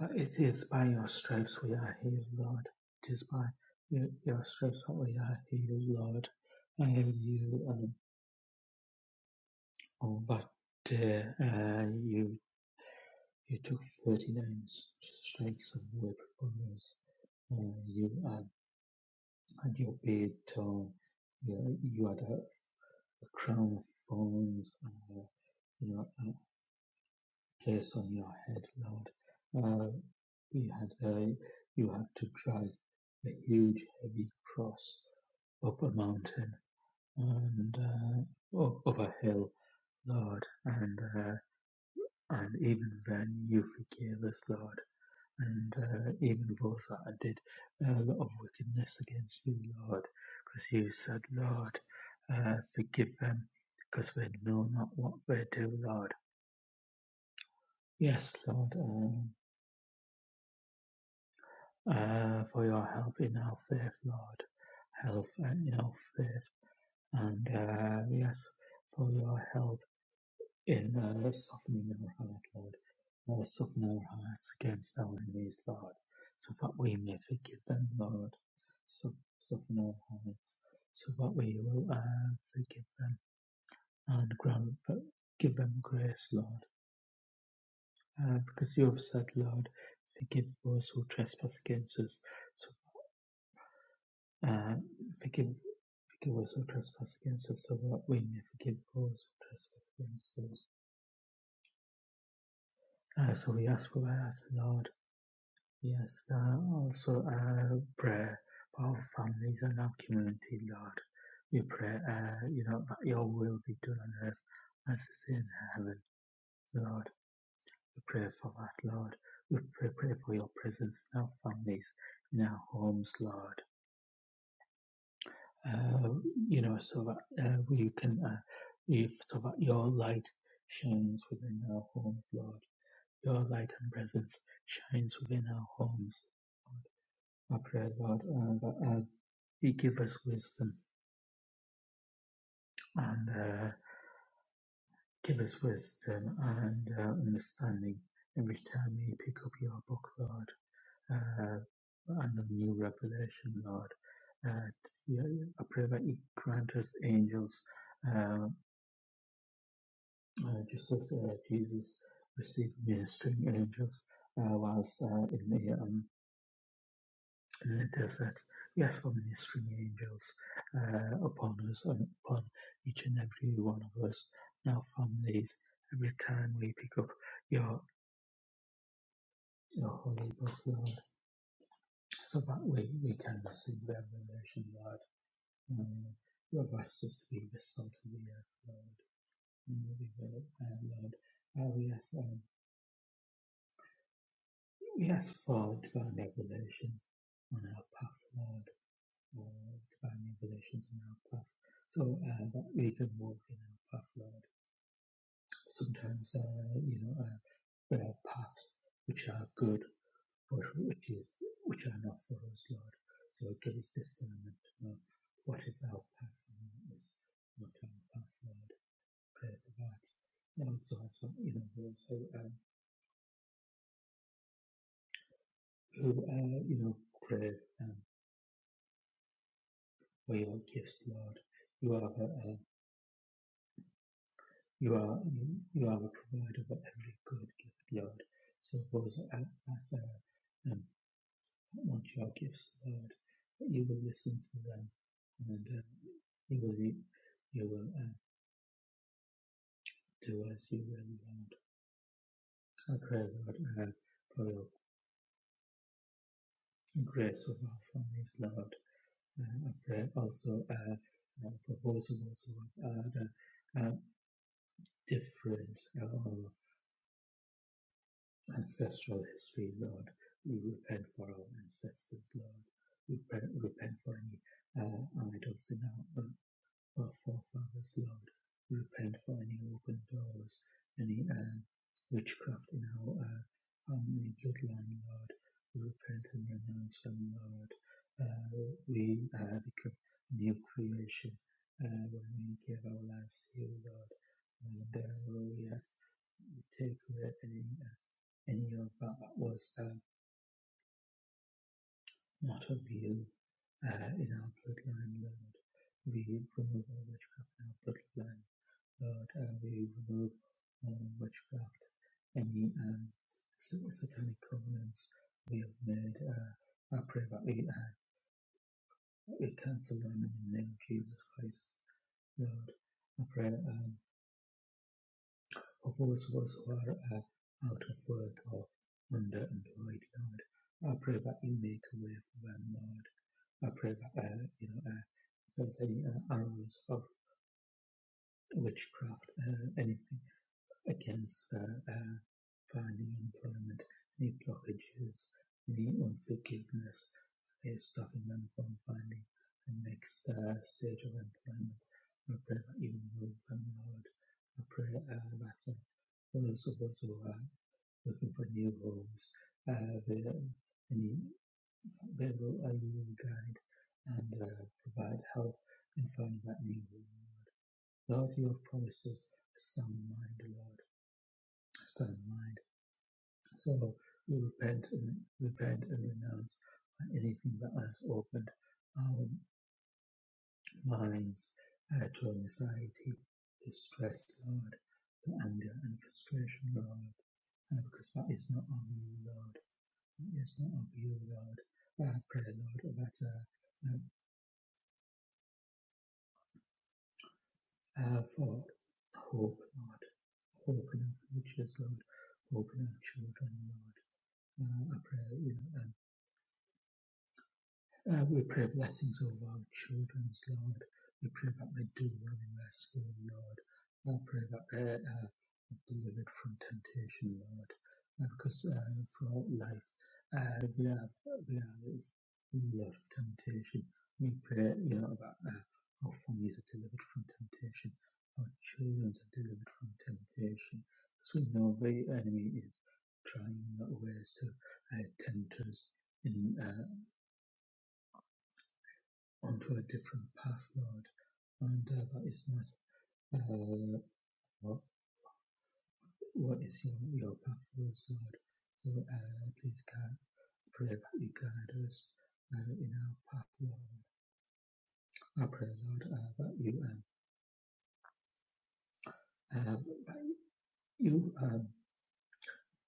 that it is by your stripes we are healed, Lord. It is by your your stripes that we are healed, Lord. Hallelujah. Oh, but uh, uh, you you took 39 s- strikes away from us. Uh, you had, and you paid, uh, you, you had a, a crown of thorns, uh, you know, a place on your head, Lord. Uh, you had uh, you had to drag a huge, heavy cross up a mountain and uh, up, up a hill, Lord. And uh, and even then, you forgave us, Lord. and uh, even those I did uh, a lot of wickedness against you, Lord, because you said, Lord, uh, forgive them, because they know not what they do, Lord. Yes, Lord, um, uh, for your help in our faith, Lord, help uh, in our faith, and uh, yes, for your help. In uh, softening our heart, Lord, uh, soften our hearts against our enemies, Lord, so that we may forgive them, Lord. So, soften our hearts, so that we will uh, forgive them and grant, but give them grace, Lord. Uh, because you have said, Lord, forgive those who trespass against us, so uh, forgive, forgive us who trespass against us, so that we may forgive those who trespass against us. Uh, so we ask for that, Lord Yes, uh, also uh, prayer for our families and our community, Lord. We pray, uh, you know, that your will be done on earth as it is in heaven, Lord. We pray for that, Lord. We pray, pray for your presence in our families, in our homes, Lord. Uh, you know, so that uh, we can, uh, if, so that your light shines within our homes, Lord. Your light and presence shines within our homes, Lord. I pray, Lord, uh, that uh, He give us wisdom and uh, give us wisdom and uh, understanding every time we pick up your book, Lord, uh, and a new revelation, Lord. Uh, yeah, I pray that you grant us angels, uh, uh, just as uh, Jesus received ministering angels uh, whilst uh, in the um, in the that We ask for ministering angels uh, upon us and upon each and every one of us, our families, every time we pick up your your holy book, Lord, so that we, we can receive their revelation, Lord. Um, you have asked us to be the salt of the earth, Lord, and we will, uh, Lord. Uh, we, ask, um, we ask for divine revelations on our path, Lord uh, divine revelations in our path. So uh, that we can walk in our path, Lord. Sometimes, uh, you know, uh, there are paths which are good, but which is which are not for us, Lord. So give us discernment to know what is our path and what is not our path, Lord. Pray for that. And also, as well, you know, those who, um, who uh, you know, crave um, for your gifts, Lord. You are the, uh, You are you, you are the provider of every good gift, Lord. So those us at Ather and want your gifts, Lord, that you will listen to them and um, you will you, you will um, do as you will, Lord. I pray, Lord, uh, for your grace of our families, Lord. Uh, I pray also uh, uh, for those of us who are uh, the, uh, different. uh, or Ancestral history, Lord. We repent for our ancestors, Lord. We repent, repent for any uh, idols in our, uh, our forefathers, Lord. We repent for any open doors, any uh, witchcraft in our uh, family bloodline, Lord. We repent and renounce them, Lord. Uh, we uh, become a new creation uh, when we give our lives to you, Lord. And uh, we ask take away any uh, any of that was uh, not of you uh, in our bloodline, Lord. We remove all witchcraft in our bloodline, Lord. Uh, we remove all witchcraft, any um, satanic covenants we have made. Uh, I pray that we, uh, we cancel them in the name of Jesus Christ, Lord. I pray. Um, Others was were uh, out of work or underemployed. Lord, I pray that you make a way for them, Lord. I pray that uh, you know uh, if there's any uh, arrows of witchcraft, uh, anything against uh, uh, finding employment, any blockages, any unforgiveness, is stopping them from finding the next uh, stage of employment. I pray that you remove them, Lord. I pray uh, that uh, those of us who are looking for new homes. Uh, they, they where will I will guide and uh, provide help in finding that new home, Lord. Lord, you have promised us a sound mind, Lord, a sound mind. So we repent and repent and renounce on anything that has opened our minds uh, to anxiety, distress, Lord, to anger and frustration, Lord, uh, because that is not our will, Lord. Yes, not of you, Lord. Uh, pray, Lord, that uh, um, uh, for hope, Lord. Hope in our futures, Lord. Hope in our children, Lord. Uh, I pray, you know, um, Uh, we pray blessings over our children's Lord. We pray that they do well in their school, Lord. I pray that they uh, are delivered from temptation, Lord. Uh, because uh, throughout life, uh, we have we have this love of temptation. We pray, you know, that uh, our families are delivered from temptation, our childrens are delivered from temptation. Because we know the enemy is trying ways to uh, tempt us. in. uh, onto a different path, Lord. And uh, that is not uh, what, what is your, your path for us, Lord. So uh, please guide, pray that you guide us uh, in our path, Lord. I pray, Lord, uh, that you um, uh, that you um,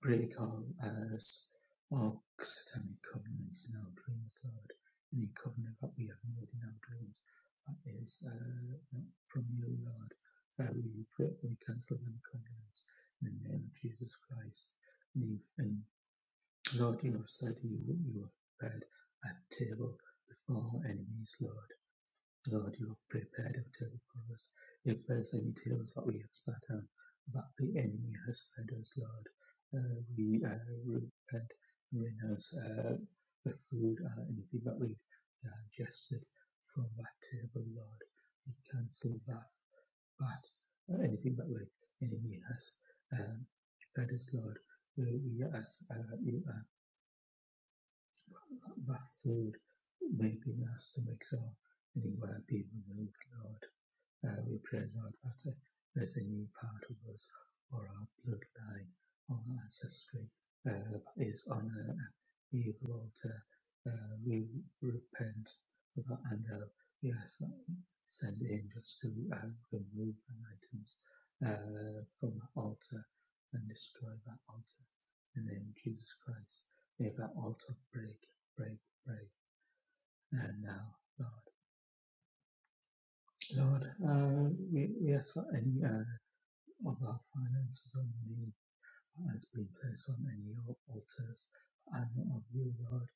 Political errors or satanic covenants in our dreams, Lord. Any covenant that we have made in our dreams that is uh, not from you, Lord. Uh, we, pray- we cancel them covenants in the name of Jesus Christ. And, and Lord, you have said you, you have prepared a table before our enemies, Lord. God, you have prepared a table for us. If fed any tables that we have sat on, but the enemy has fed us, Lord. Uh, we uh, repent, renounce uh, the food or anything that we've digested from that table, Lord. We cancel that, that uh, anything that the enemy has um, fed us, Lord. Uh, we ask uh, you uh, that food may be in our stomachs or anywhere be removed, Lord. Uh, we pray, Lord, that uh, there's a new part of us or our bloodline or our ancestry uh, that is on an evil altar. Uh, we repent of that and uh, we ask that you send angels to uh, remove the items uh, from the altar and destroy that altar. In the name of Jesus Christ, may that altar break, break, break. And now, Lord. Lord, uh, we, we ask for any. uh, Other finances, finance only has been placed on any altars and of you, Lord,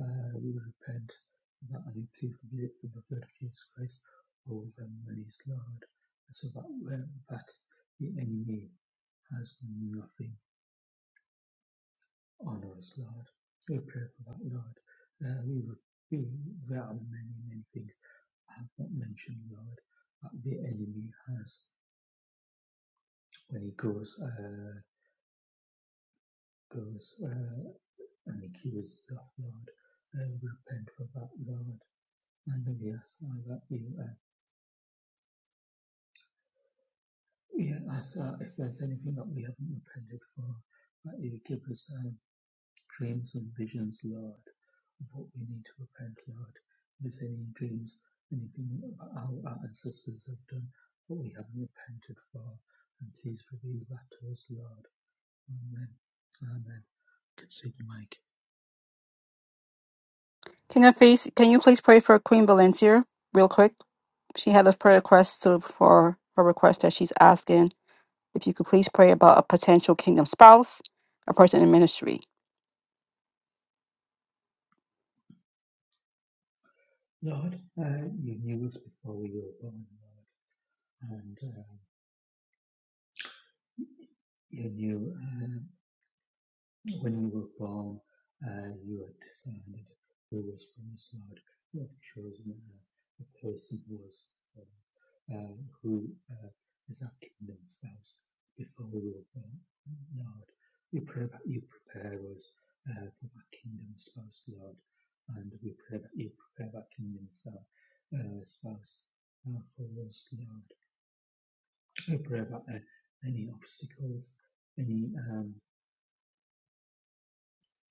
uh, we repent that and plead for the the blood of Jesus Christ over monies, Lord, so that when that the enemy has nothing on us, Lord. We pray for that, Lord. Uh, we would be, there are many, many things I have not mentioned, Lord, that the enemy has when he goes, uh, goes. uh, and accuse you of Lord, and repent for that, Lord. And we ask uh, that you, uh, we ask uh, if there's anything that we haven't repented for, that you give us um, dreams and visions, Lord, of what we need to repent, Lord. If there's any dreams, anything that our, our ancestors have done that we haven't repented for, and please reveal that to us, Lord. Amen. Amen. Consider Mike.
King Hafiz, can you please pray for Queen Valencia real quick? She had a prayer request to, for her request that she's asking. If you could please pray about a potential kingdom spouse, a person in ministry.
Lord, uh, you knew us before we were born, Lord. and uh, you knew um, when you were born, uh, you had decided who was from this Lord. You had chosen a, a person who was uh, uh, who uh, is our kingdom spouse before we were born, Lord. We pray that you prepare us uh, for our kingdom spouse, Lord, and we pray that you prepare our kingdom spouse, uh, spouse uh, for us, Lord. We pray that uh, any obstacles, any. Um,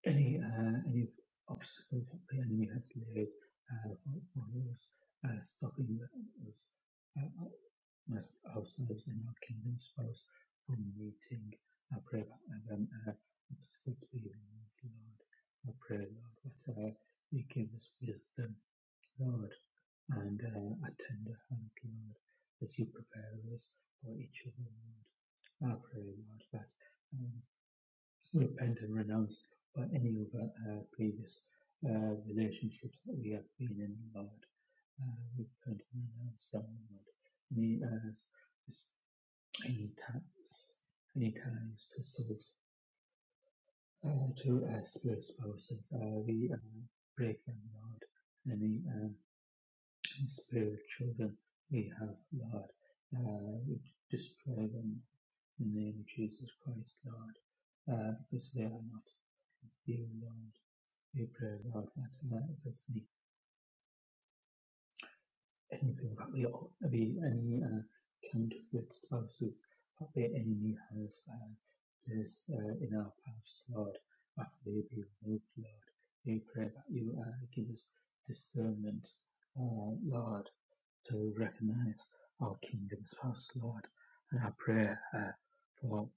any uh, any obstacles that the enemy has laid uh, for, for us, uh, stopping us, uh, us, ourselves and our kingdom spouse from meeting. I pray that uh, them uh, obstacles be removed, Lord. I pray, Lord, that uh, you give us wisdom, Lord, and uh, a tender hand, Lord, as you prepare us for each other, Lord. I pray, Lord, that. um, repent and renounce by any of our uh, previous uh, relationships that we have been in, Lord. Uh, repent and renounce them, Lord. Any, uh, just any ties, any ties to souls, uh, to uh, spirit spouses, uh, we uh, break them, Lord. Any uh, spirit children we have, Lord, uh, we destroy them in the name of Jesus Christ, Lord, uh, because they are not you, Lord. April of that uh, obviously anything about the the any uh, counterfeit spouses that the enemy has uh, placed uh, in our paths, Lord, after they be removed, Lord. We pray that you uh, give us discernment, uh, Lord, to recognize our kingdom's spouse, Lord. And I pray uh, for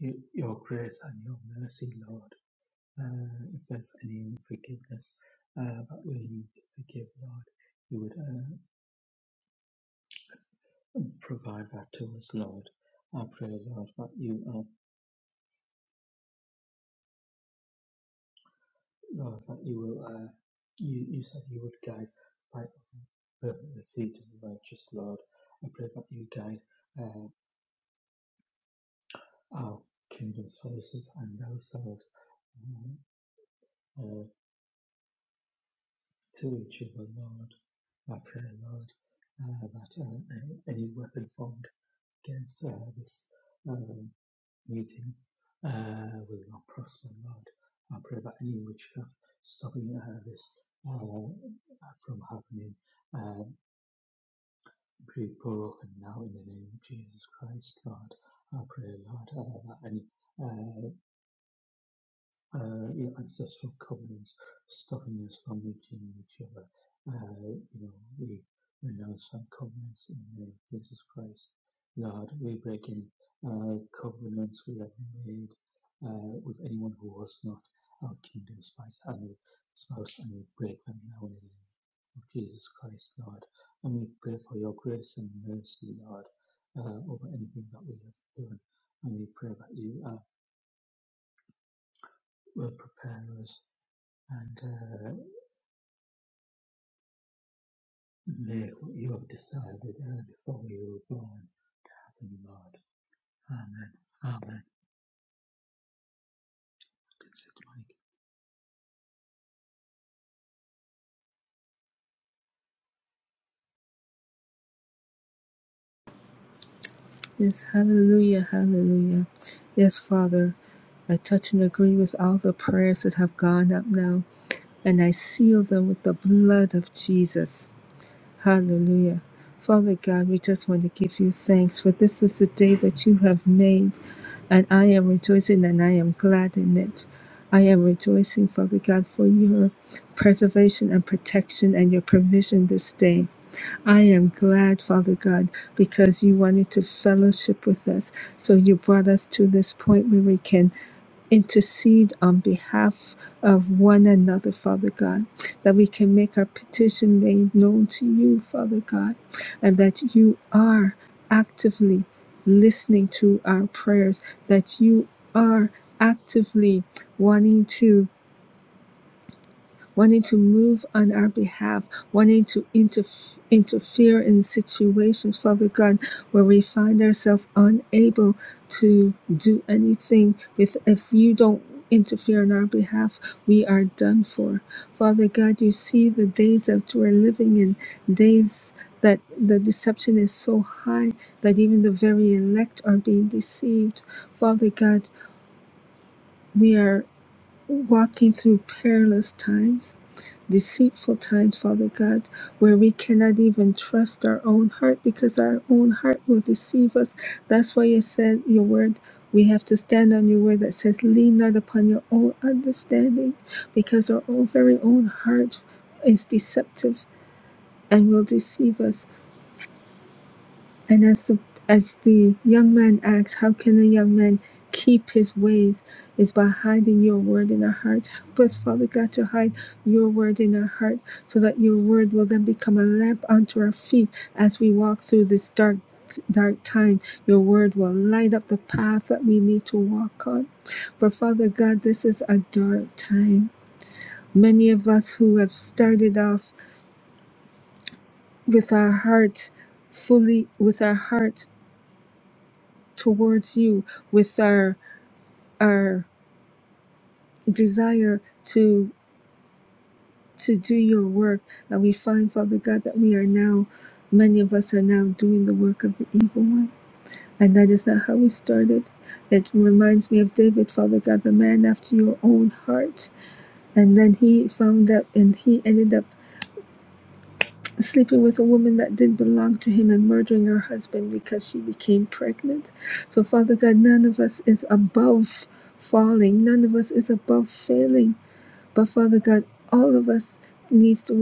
y- your grace and your mercy, Lord. Uh, if there's any unforgiveness uh, that we need to forgive, Lord, you would uh, provide that to us, Lord. I pray, Lord, that you, uh, Lord, that you will. Uh, you, you said you would guide by the the feet of the righteous, Lord. I pray that you guide uh, our kingdom sources and ourselves um, uh, to each other, Lord. I pray, Lord, uh, that uh, any any weapon formed against uh, this um, meeting uh, with our prosper Lord. I pray that any witchcraft stopping uh, this uh, from happening uh, be broken now in the name of Jesus Christ, Lord. I pray, Lord, uh, that any uh, uh, you know, ancestral covenants stopping us from reaching each other. Uh, you know, we renounce some covenants in the name of Jesus Christ. Lord, we break any uh, covenants we have made uh, with anyone who was not our kingdom spouse, and we, spouse, and we break them now in the name of Jesus Christ, Lord. And we pray for your grace and mercy, Lord, uh, over anything that we have done. And we pray that you uh, will prepare us and uh, may what you have decided uh, before you were born happen, Lord. Amen. Amen. Consider like,
Yes, hallelujah, hallelujah. Yes, Father, I touch and agree with all the prayers that have gone up now, and I seal them with the blood of Jesus. Hallelujah. Father God, we just want to give you thanks for this is the day that you have made, and I am rejoicing and I am glad in it. I am rejoicing, Father God, for your preservation and protection and your provision this day. I am glad, Father God, because you wanted to fellowship with us. So you brought us to this point where we can intercede on behalf of one another, Father God that we can make our petition made known to you, Father God, and that you are actively listening to our prayers, that you are actively wanting to wanting to move on our behalf, wanting to interf- interfere in situations, Father God, where we find ourselves unable to do anything. If, if you don't interfere on our behalf, we are done for. Father God, you see the days that we're living in, days that the deception is so high that even the very elect are being deceived. Father God, we are walking through perilous times, deceitful times, Father God, where we cannot even trust our own heart because our own heart will deceive us. That's why you said your word. We have to stand on your word that says, lean not upon your own understanding, because our own very own heart is deceptive and will deceive us. And as the, as the young man asks, How can a young man keep his ways? Is by hiding your word in our hearts. Help us, Father God, to hide your word in our heart so that your word will then become a lamp unto our feet as we walk through this dark, dark time. Your word will light up the path that we need to walk on. For Father God, this is a dark time. Many of us who have started off with our hearts fully, with our hearts towards you with our our desire to to do your work and we find father god that we are now many of us are now doing the work of the evil one and that is not how we started it reminds me of david father god the man after your own heart and then he found out and he ended up sleeping with a woman that didn't belong to him and murdering her husband because she became pregnant. So, Father God, none of us is above falling, none of us is above failing. But Father God, all of us needs to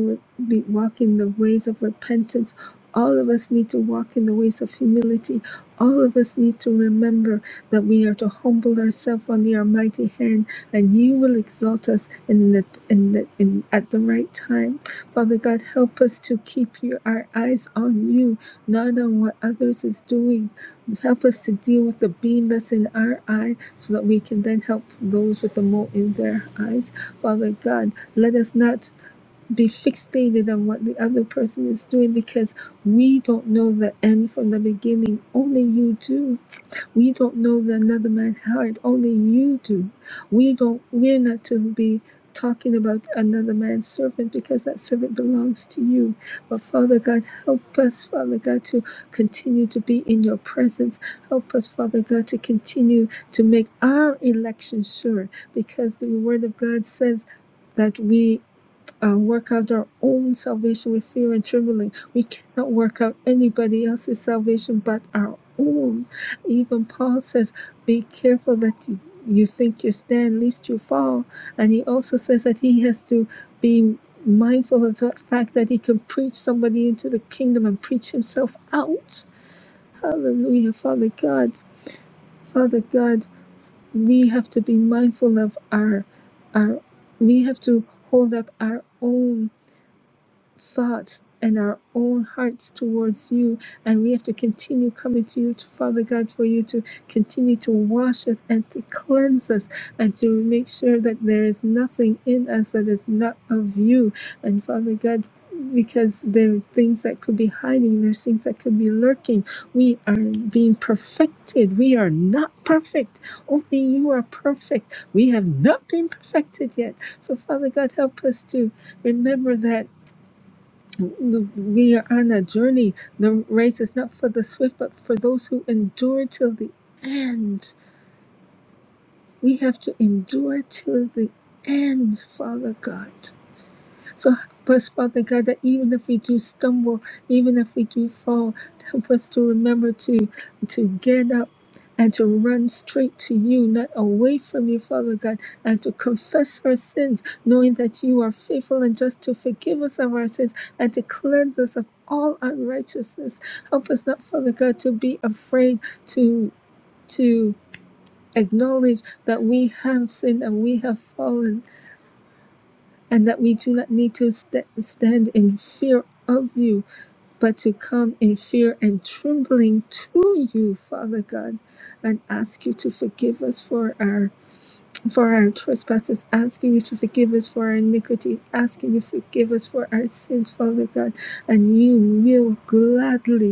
be walk in the ways of repentance. All of us need to walk in the ways of humility. All of us need to remember that we are to humble ourselves under your mighty hand, and you will exalt us in the in the in at the right time. Father God, help us to keep your, our eyes on you, not on what others is doing. Help us to deal with the beam that's in our eye so that we can then help those with the mote in their eyes. Father God, let us not be fixated on what the other person is doing because we don't know the end from the beginning. Only you do. We don't know the another man's heart. Only you do. We don't. We're not to be talking about another man's servant because that servant belongs to you. But Father God, help us, Father God, to continue to be in your presence. Help us, Father God, to continue to make our election sure because the word of God says that we uh, work out our own salvation with fear and trembling. We cannot work out anybody else's salvation but our own. Even Paul says, Be careful that you, you think you stand, lest you fall. And he also says that he has to be mindful of the fact that he can preach somebody into the kingdom and preach himself out. Hallelujah, Father God. Father God, we have to be mindful of our, our we have to hold up our own thoughts and our own hearts towards you. And we have to continue coming to you, to Father God, for you to continue to wash us and to cleanse us and to make sure that there is nothing in us that is not of you. And Father God, because there are things that could be hiding, there's things that could be lurking. We are being perfected. We are not perfect. Only you are perfect. We have not been perfected yet. So, Father God, help us to remember that the- We are on a journey. The race is not for the swift, but for those who endure till the end. We have to endure till the end, Father God. So help us, Father God, that even if we do stumble, even if we do fall, help us to remember to to get up and to run straight to you, not away from you, Father God, and to confess our sins, knowing that you are faithful and just to forgive us of our sins and to cleanse us of all unrighteousness. Help us not, Father God, to be afraid to to acknowledge that we have sinned and we have fallen and that we do not need to st- stand in fear of you, but to come in fear and trembling to you, Father God, and ask you to forgive us for our for our trespasses, asking you to forgive us for our iniquity, asking you to forgive us for our sins, Father God, and you will gladly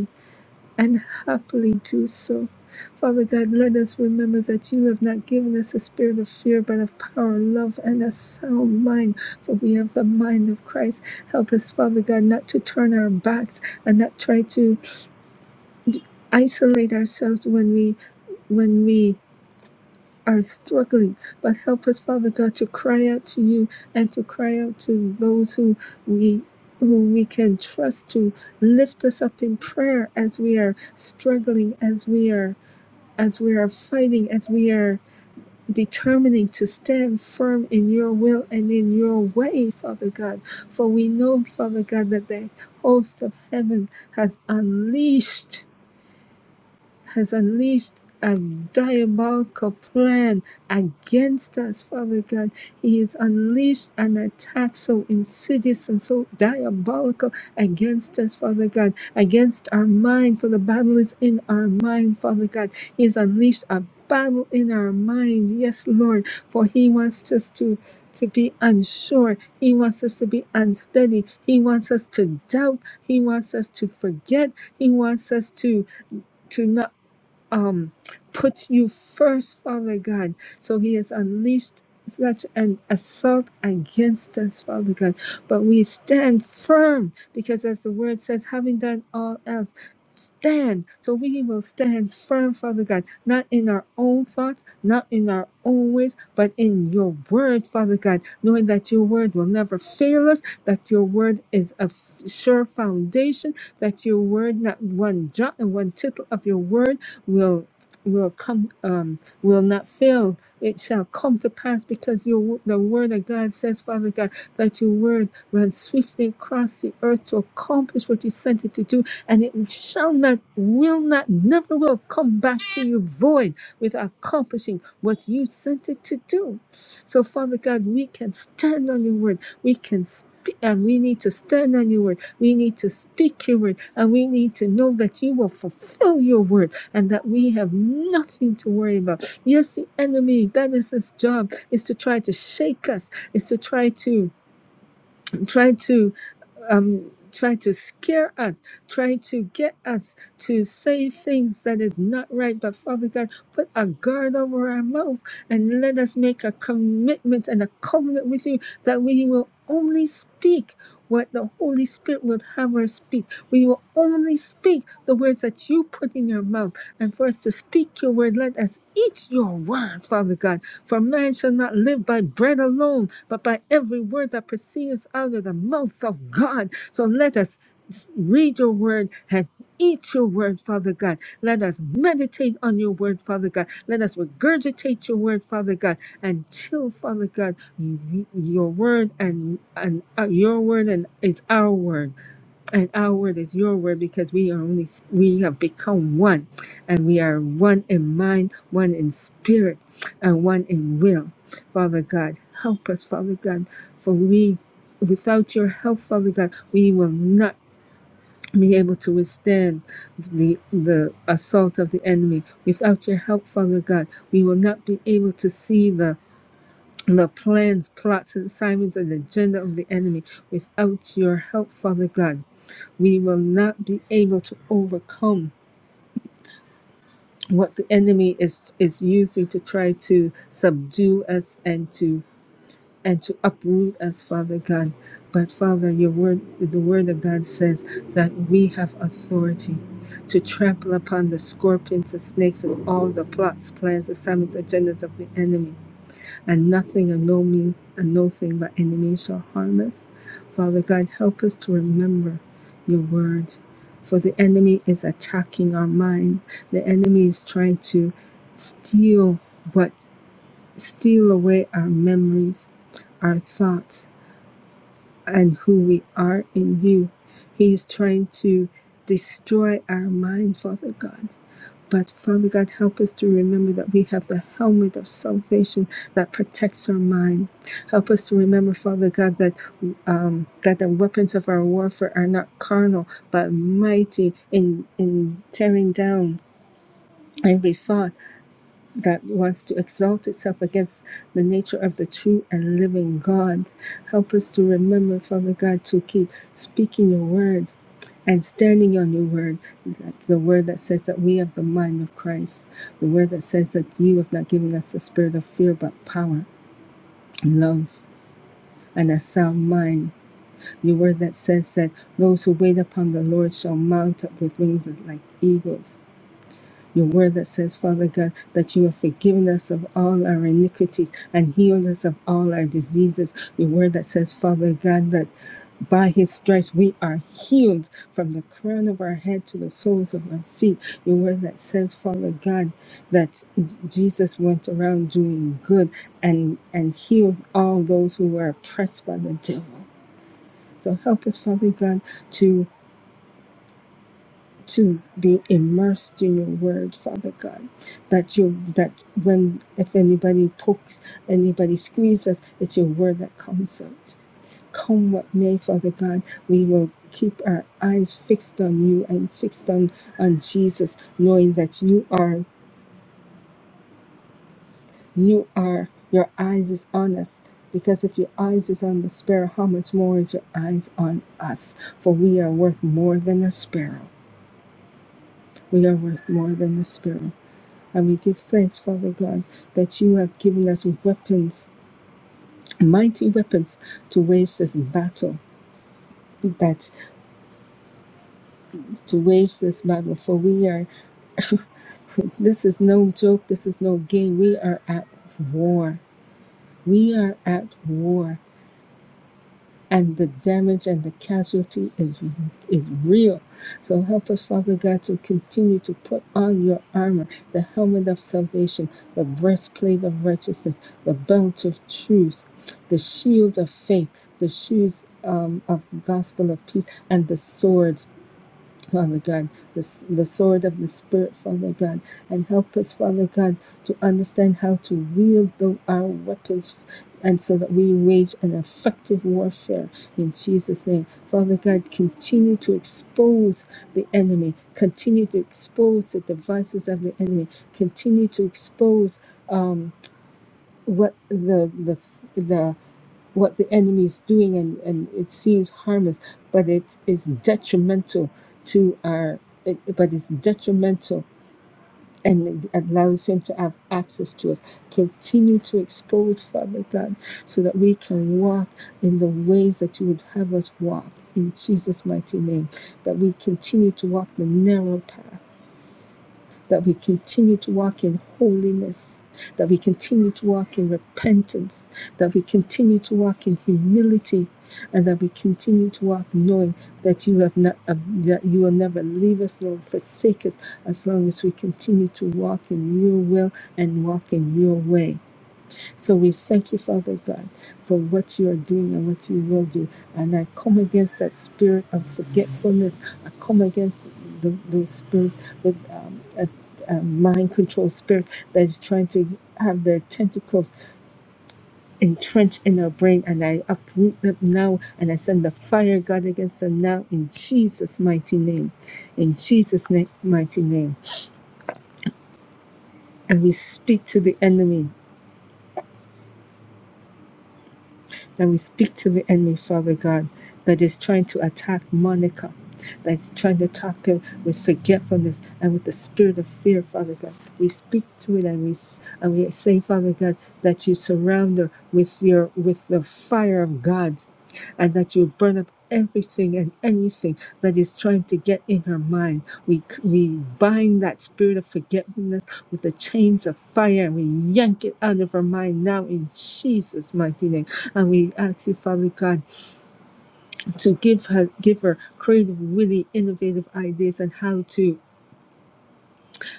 and happily do so. Father God, let us remember that you have not given us a spirit of fear, but of power, love, and a sound mind, for we have the mind of Christ. Help us, Father God, not to turn our backs and not try to isolate ourselves when we when we are struggling, but help us, Father God, to cry out to you and to cry out to those who we who we can trust to lift us up in prayer as we are struggling, as we are as we are fighting, as we are determining to stand firm in your will and in your way, Father God. For we know, Father God, that the host of heaven has unleashed has unleashed a diabolical plan against us, Father God. He has unleashed an attack so insidious and so diabolical against us, Father God, against our mind, for the battle is in our mind, Father God. He has unleashed a battle in our minds, yes, Lord, for He wants us to. To be unsure. He wants us to be unsteady. He wants us to doubt. He wants us to forget. He wants us to to not um put you first, Father God. So he has unleashed such an assault against us, Father God. But we stand firm because as the word says, having done all else, stand. So we will stand firm, Father God, not in our own thoughts, not in our own ways, but in your word, Father God, knowing that your word will never fail us, that your word is a f- sure foundation, that your word, not one jot and one tittle of your word will will come um will not fail it shall come to pass because your the word of god says father god that your word runs swiftly across the earth to accomplish what you sent it to do and it shall not will not never will come back to you void with accomplishing what you sent it to do so father god we can stand on your word we can speak and we need to stand on your word. We need to speak your word. And we need to know that you will fulfill your word and that we have nothing to worry about. Yes, the enemy, that is his job, is to try to shake us, is to try to try to um, try to scare us, try to get us to say things that is not right. But Father God, put a guard over our mouth and let us make a commitment and a covenant with you that we will only speak what the Holy Spirit will have us speak. We will only speak the words that you put in your mouth. And for us to speak your word, let us eat your word, Father God. For man shall not live by bread alone, but by every word that proceeds out of the mouth of God. So let us read your word and eat your word, Father God. Let us meditate on your word, Father God. Let us regurgitate your word, Father God, and chill, Father God, y- y- your word and, and uh, your word and is our word and our word is your word because we are only we have become one and we are one in mind one in spirit and one in will father god help us father god for we without your help father god we will not be able to withstand the the assault of the enemy without your help father god we will not be able to see the the plans, plots, and assignments and agenda of the enemy without your help, Father God we will not be able to overcome what the enemy is is using to try to subdue us and to and to uproot us father god but father your word the word of god says that we have authority to trample upon the scorpions and snakes and all the plots plans assignments agendas of the enemy and nothing and no means and no thing but any shall harm us. Father God, help us to remember your word. For the enemy is attacking our mind. The enemy is trying to steal what steal away our memories, our thoughts, and who we are in you. He is trying to destroy our mind, Father God. But Father God, help us to remember that we have the helmet of salvation that protects our mind. Help us to remember, Father God, that um, that the weapons of our warfare are not carnal but mighty in in tearing down. Every thought that wants to exalt itself against the nature of the true and living God. Help us to remember, Father God, to keep speaking your word and standing on your word. That's the word that says that we have the mind of Christ, the word that says that you have not given us the spirit of fear, but power, love. And a sound mind, your word that says that those who wait upon the Lord shall mount up with wings like eagles. Your word that says, Father God, that you have forgiven us of all our iniquities and healed us of all our diseases. Your word that says, Father God, that by his stripes we are healed from the crown of our head to the soles of our feet. Your word that says, Father God, that Jesus went around doing good and, and healed all those who were oppressed by the devil. So help us, Father God, to to be immersed in your word, Father God. That you that when if anybody pokes, anybody squeezes, us, it's your word that comes out. Come what may, Father God, we will keep our eyes fixed on you and fixed on, on Jesus, knowing that you are you are your eyes is on us. Because if your eyes is on the sparrow, how much more is your eyes on us? For we are worth more than a sparrow. We are worth more than a sparrow. And we give thanks, Father God, that you have given us weapons, mighty weapons, to wage this battle. That to wage this battle, for we are, this is no joke, this is no game. We are at war. We are at war and the damage and the casualty is is real. So help us, Father God, to continue to put on your armor, the helmet of salvation, the breastplate of righteousness, the belt of truth, the shield of faith, the shoes um, of gospel of peace, and the sword Father God, the, s- the sword of the Spirit, Father God, and help us, Father God, to understand how to wield the, our weapons and so that we wage an effective warfare in Jesus' name. Father God, continue to expose the enemy, continue to expose the devices of the enemy, continue to expose um, what the, the, the what the enemy is doing and, and it seems harmless but it is detrimental to our it, but it's detrimental and it allows him to have access to us continue to expose father god so that we can walk in the ways that you would have us walk in jesus mighty name that we continue to walk the narrow path that we continue to walk in holiness, that we continue to walk in repentance, that we continue to walk in humility, and that we continue to walk knowing that you have not, uh, that you will never leave us nor forsake us as long as we continue to walk in your will and walk in your way. So we thank you, Father God, for what you are doing and what you will do. And I come against that spirit of forgetfulness. I come against the, those spirits with um, a, a mind control spirit that is trying to have their tentacles entrenched in our brain. And I uproot them now and I send the fire, God, against them now in Jesus' mighty name. In Jesus' na- mighty name. And we speak to the enemy And we speak to the enemy, Father God, that is trying to attack Monica, that is trying to attack her with forgetfulness and with the spirit of fear, Father God. We speak to it and we s- and we say, Father God, that you surround her with your with the fire of God and that you burn up everything and anything that is trying to get in her mind. We, c- we bind that spirit of forgetfulness with the chains of fire and we yank it out of her mind now in Jesus' mighty name. And we ask you, Father God, to give her give her creative, really innovative ideas on how to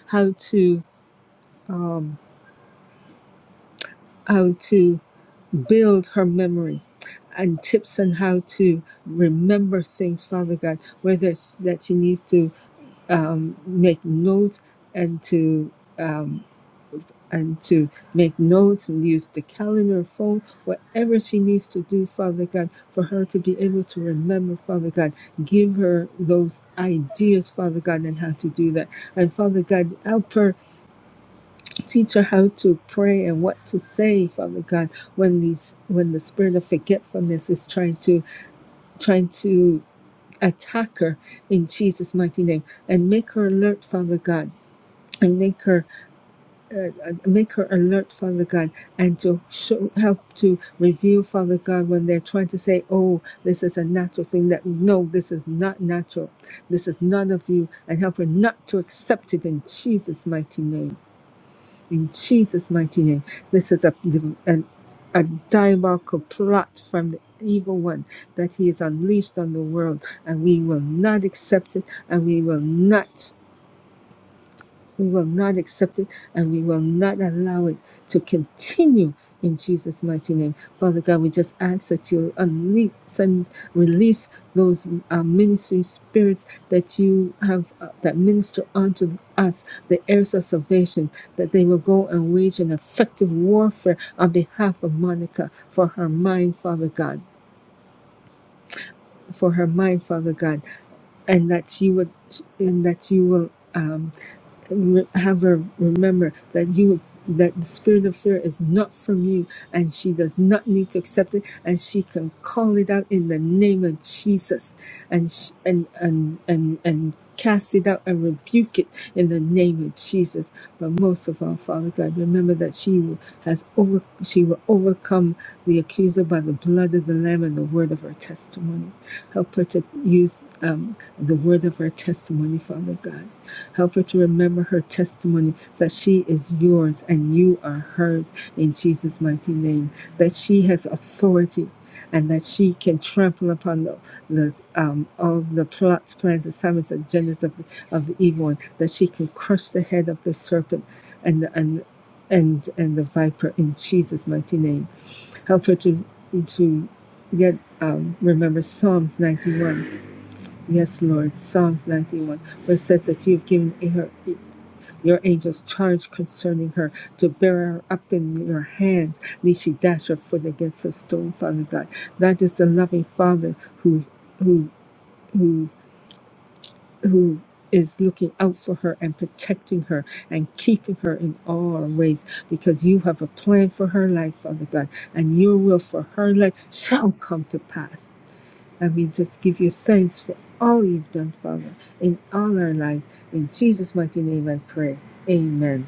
how to um, how to build her memory and tips on how to remember things, Father God, whether it's that she needs to um, make notes and to um, and to make notes and use the calendar phone whatever she needs to do father god for her to be able to remember father god give her those ideas father god and how to do that and father god help her teach her how to pray and what to say father god when these when the spirit of forgetfulness is trying to trying to attack her in jesus mighty name and make her alert father god and make her uh, uh, make her alert, Father God, and to show, help to reveal, Father God, when they're trying to say, "Oh, this is a natural thing," that no, this is not natural. This is not of you, and help her not to accept it in Jesus' mighty name. In Jesus' mighty name, this is a an, a diabolical plot from the evil one that he has unleashed on the world, and we will not accept it, and we will not. We will not accept it and we will not allow it to continue in Jesus' mighty name. Father God, we just ask that you unleash and release those uh, ministry spirits that you have uh, that minister unto us, the heirs of salvation, that they will go and wage an effective warfare on behalf of Monica for her mind, Father God, for her mind, Father God, and that you would, and that you will. Um, re- have her remember that you that the spirit of fear is not from you and she does not need to accept it and she can call it out in the name of jesus and sh- and and and and cast it out and rebuke it in the name of jesus but most of all father god remember that she will- has over she will overcome the accuser by the blood of the lamb and the word of her testimony help her to use um, the word of her testimony father god Help her to remember her testimony that she is yours and you are hers in Jesus' mighty name. That she has authority and that she can trample upon the, the um, all the plots, plans, assignments, agendas of, of the evil one. That she can crush the head of the serpent and and and and the viper in Jesus' mighty name. Help her to to get um, remember Psalms 91. Yes, Lord, Psalms 91 where it says that you've given her. Your angels charge concerning her to bear her up in your hands, lest she dash her foot against a stone, Father God. That is the loving Father who who who who is looking out for her and protecting her and keeping her in all her ways because you have a plan for her life, Father God, and your will for her life shall come to pass. And we just give you thanks for all you've done, Father, in all our lives. In Jesus' mighty name I pray. Amen.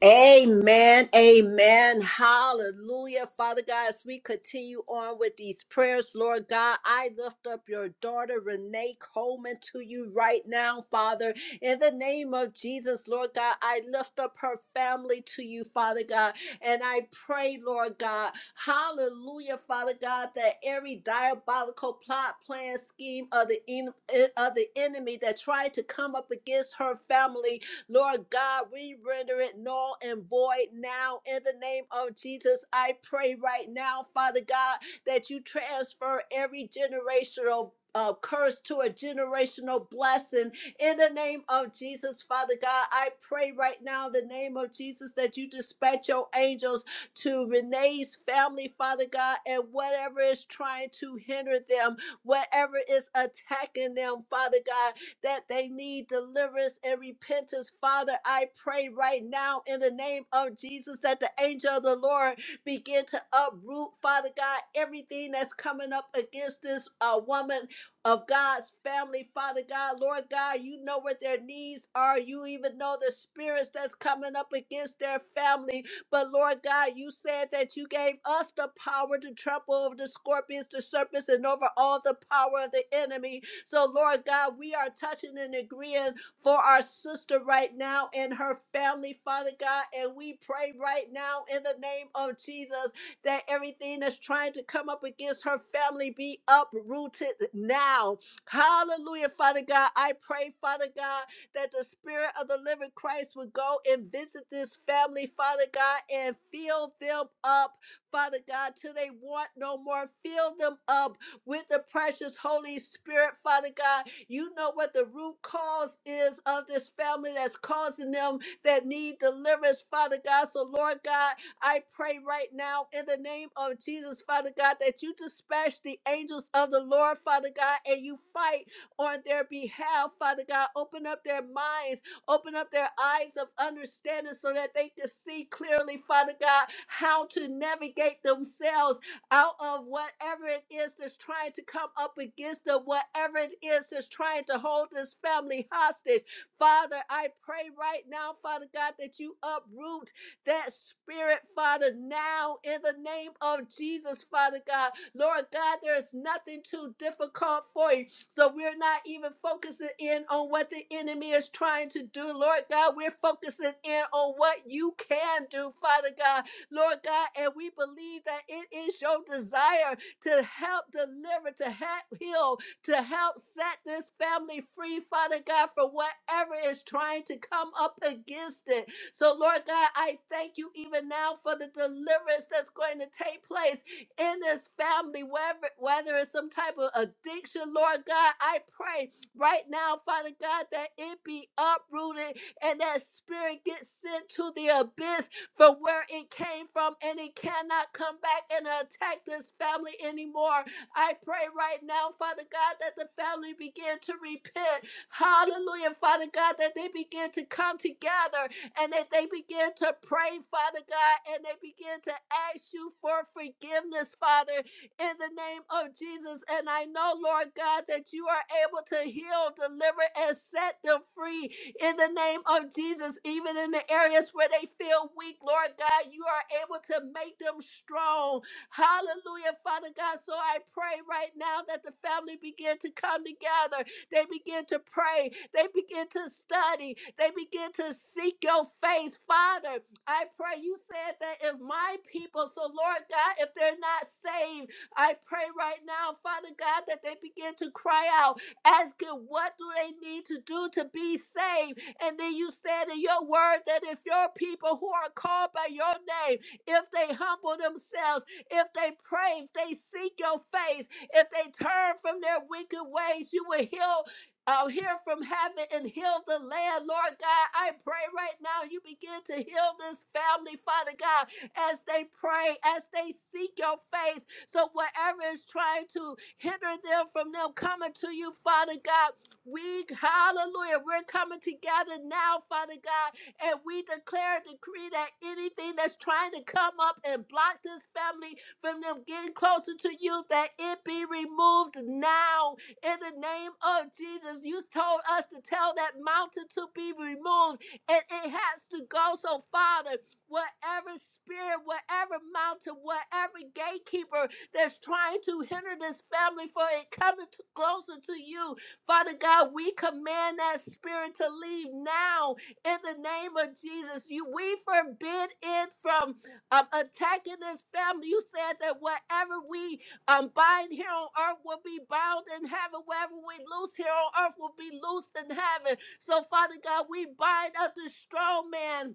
Amen. Amen. Hallelujah. Father God, as we continue on with these prayers, Lord God, I lift up your daughter, Renee Coleman, to you right now, Father. In the name of Jesus, Lord God, I lift up her family to you, Father God. And I pray, Lord God, hallelujah, Father God, that every diabolical plot, plan, scheme of the, en- eh, of the enemy that tried to come up against her family, Lord God, we render it null and void now in the name of Jesus. I pray right now, Father God, that you transfer every generational uh, curse to a generational blessing in the name of Jesus, Father God. I pray right now, in the name of Jesus, that you dispatch your angels to Renee's family, Father God, and whatever is trying to hinder them, whatever is attacking them, Father God, that they need deliverance and repentance. Father, I pray right now in the name of Jesus that the angel of the Lord begin to uproot, Father God, everything that's coming up against this uh, woman of God's family, Father God. Lord God, you know what their needs are. You even know the spirits that's coming up against their family. But Lord God, you said that you gave us the power to trample over the scorpions, the serpents, and over all the power of the enemy. So, Lord God, we are touching and agreeing for our sister right now and her family, Father God. And we pray right now in the name of Jesus that everything that's trying to come up against her family be uprooted now. Hallelujah, Father God. I pray, Father God that the Spirit of the living Christ would go and visit this family, Father God, and fill them up, Father God, till they want no more. Fill them up with the precious Holy Spirit, Father God. You know what the root cause is of this family that's causing them that need deliverance, Father God. So, Lord God, I pray right now in the name of Jesus, Father God, that you dispatch the angels of the Lord, Father God, and you fight on their behalf, Father God. Open up their minds, open up their eyes of understanding so that they can see clearly, Father God, how to navigate themselves out of whatever it is that's trying to come up against them, whatever it is that's trying to hold this family hostage. Father, I pray right now, Father God, that you uproot that spirit, Father, now in the name of Jesus, Father God. Lord God, there is nothing too difficult for you. So we're not even focusing in on what the enemy is trying to do, Lord God. We're focusing in on what you can do, Father God, Lord God. And we believe that it is your desire to help deliver, to help heal, to help set this family free, Father God, for whatever is trying to come up against it. So, Lord God, I thank you even now for the deliverance that's going to take place in this family, whether, whether it's some type of addiction, Lord God, I pray right now, Father God, that it be uprooted and that spirit gets sent to the abyss from where it came from and it cannot come back and attack this family anymore. I pray right now, Father God, that the family begin to repent. Hallelujah, Father God, that they begin to come together and that they begin to pray, Father God, and they begin to ask you for forgiveness, Father, in the name of Jesus. And I know, Lord God, that you are able to heal, deliver, and set them free in the name of Jesus, even in the areas where they feel weak, Lord God, you are able to make them strong. Hallelujah, Father God. So I pray right now that the family begin to come together they begin to pray. They begin to study. They begin to seek your face. Father, I pray you said that if my people, so Lord God, if they're not saved, I pray right now, Father God, that they begin to cry out, asking what do they need to do to be saved. And then you said in your word that if your people who are called by your name, if they humble themselves, if they pray, if they seek your face, if they turn from their wicked ways, you will heal. Uh, hear from heaven and heal the land, Lord God. I pray right now you begin to heal this family, Father God, as they pray, as they seek your face. So, whatever is trying to hinder them from them coming to you, Father God, we, hallelujah, we're coming together now, Father God, and we declare and decree that anything that's trying to come up and block this family from them getting closer to you, that it be removed now in the name of Jesus. You told us to tell that mountain to be removed, and it has to go. So, Father, whatever spirit, whatever mountain, whatever gatekeeper that's trying to hinder this family from it coming to- closer to you, Father God, we command that spirit to leave now in the name of Jesus. You we forbid it from um, attacking this family. You said that whatever we um, bind here on earth will be bound in heaven. Whatever we loose here on earth will be loosed in heaven. So, Father God, we bind up the strong man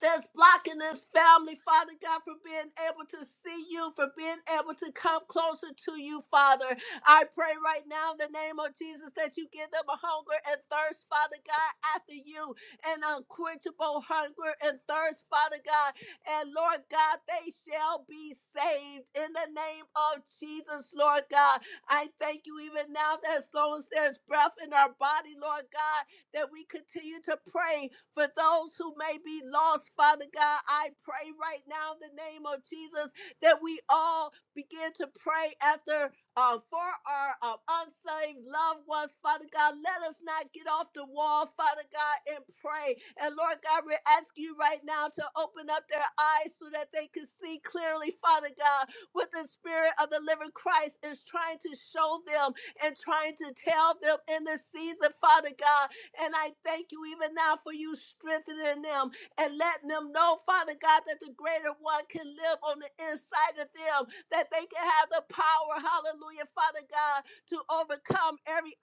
that's blocking this family, Father God, from being able to see you, from being able to come closer to you, Father. I pray right now in the name of Jesus that you give them a hunger and thirst, Father God, after you, an unquenchable hunger and thirst, Father God. And Lord God, they shall be saved in the name of Jesus, Lord God. I thank you even now that as long as there's breath in our body, Lord God, that we continue to pray for those who may be lost, Father God, I pray right now in the name of Jesus that we all begin to pray after uh, for our uh, unsaved loved ones, Father God. Let us not get off the wall, Father God, and pray. And Lord God, we ask you right now to open up their eyes so that they can see clearly, Father God, what the Spirit of the living Christ is trying to show them and trying to tell them in this season, Father God. And I thank you even now for you strengthening them and letting them them know, Father God, that the greater one can live on the inside of them, that they can have the power, hallelujah, Father God, to overcome every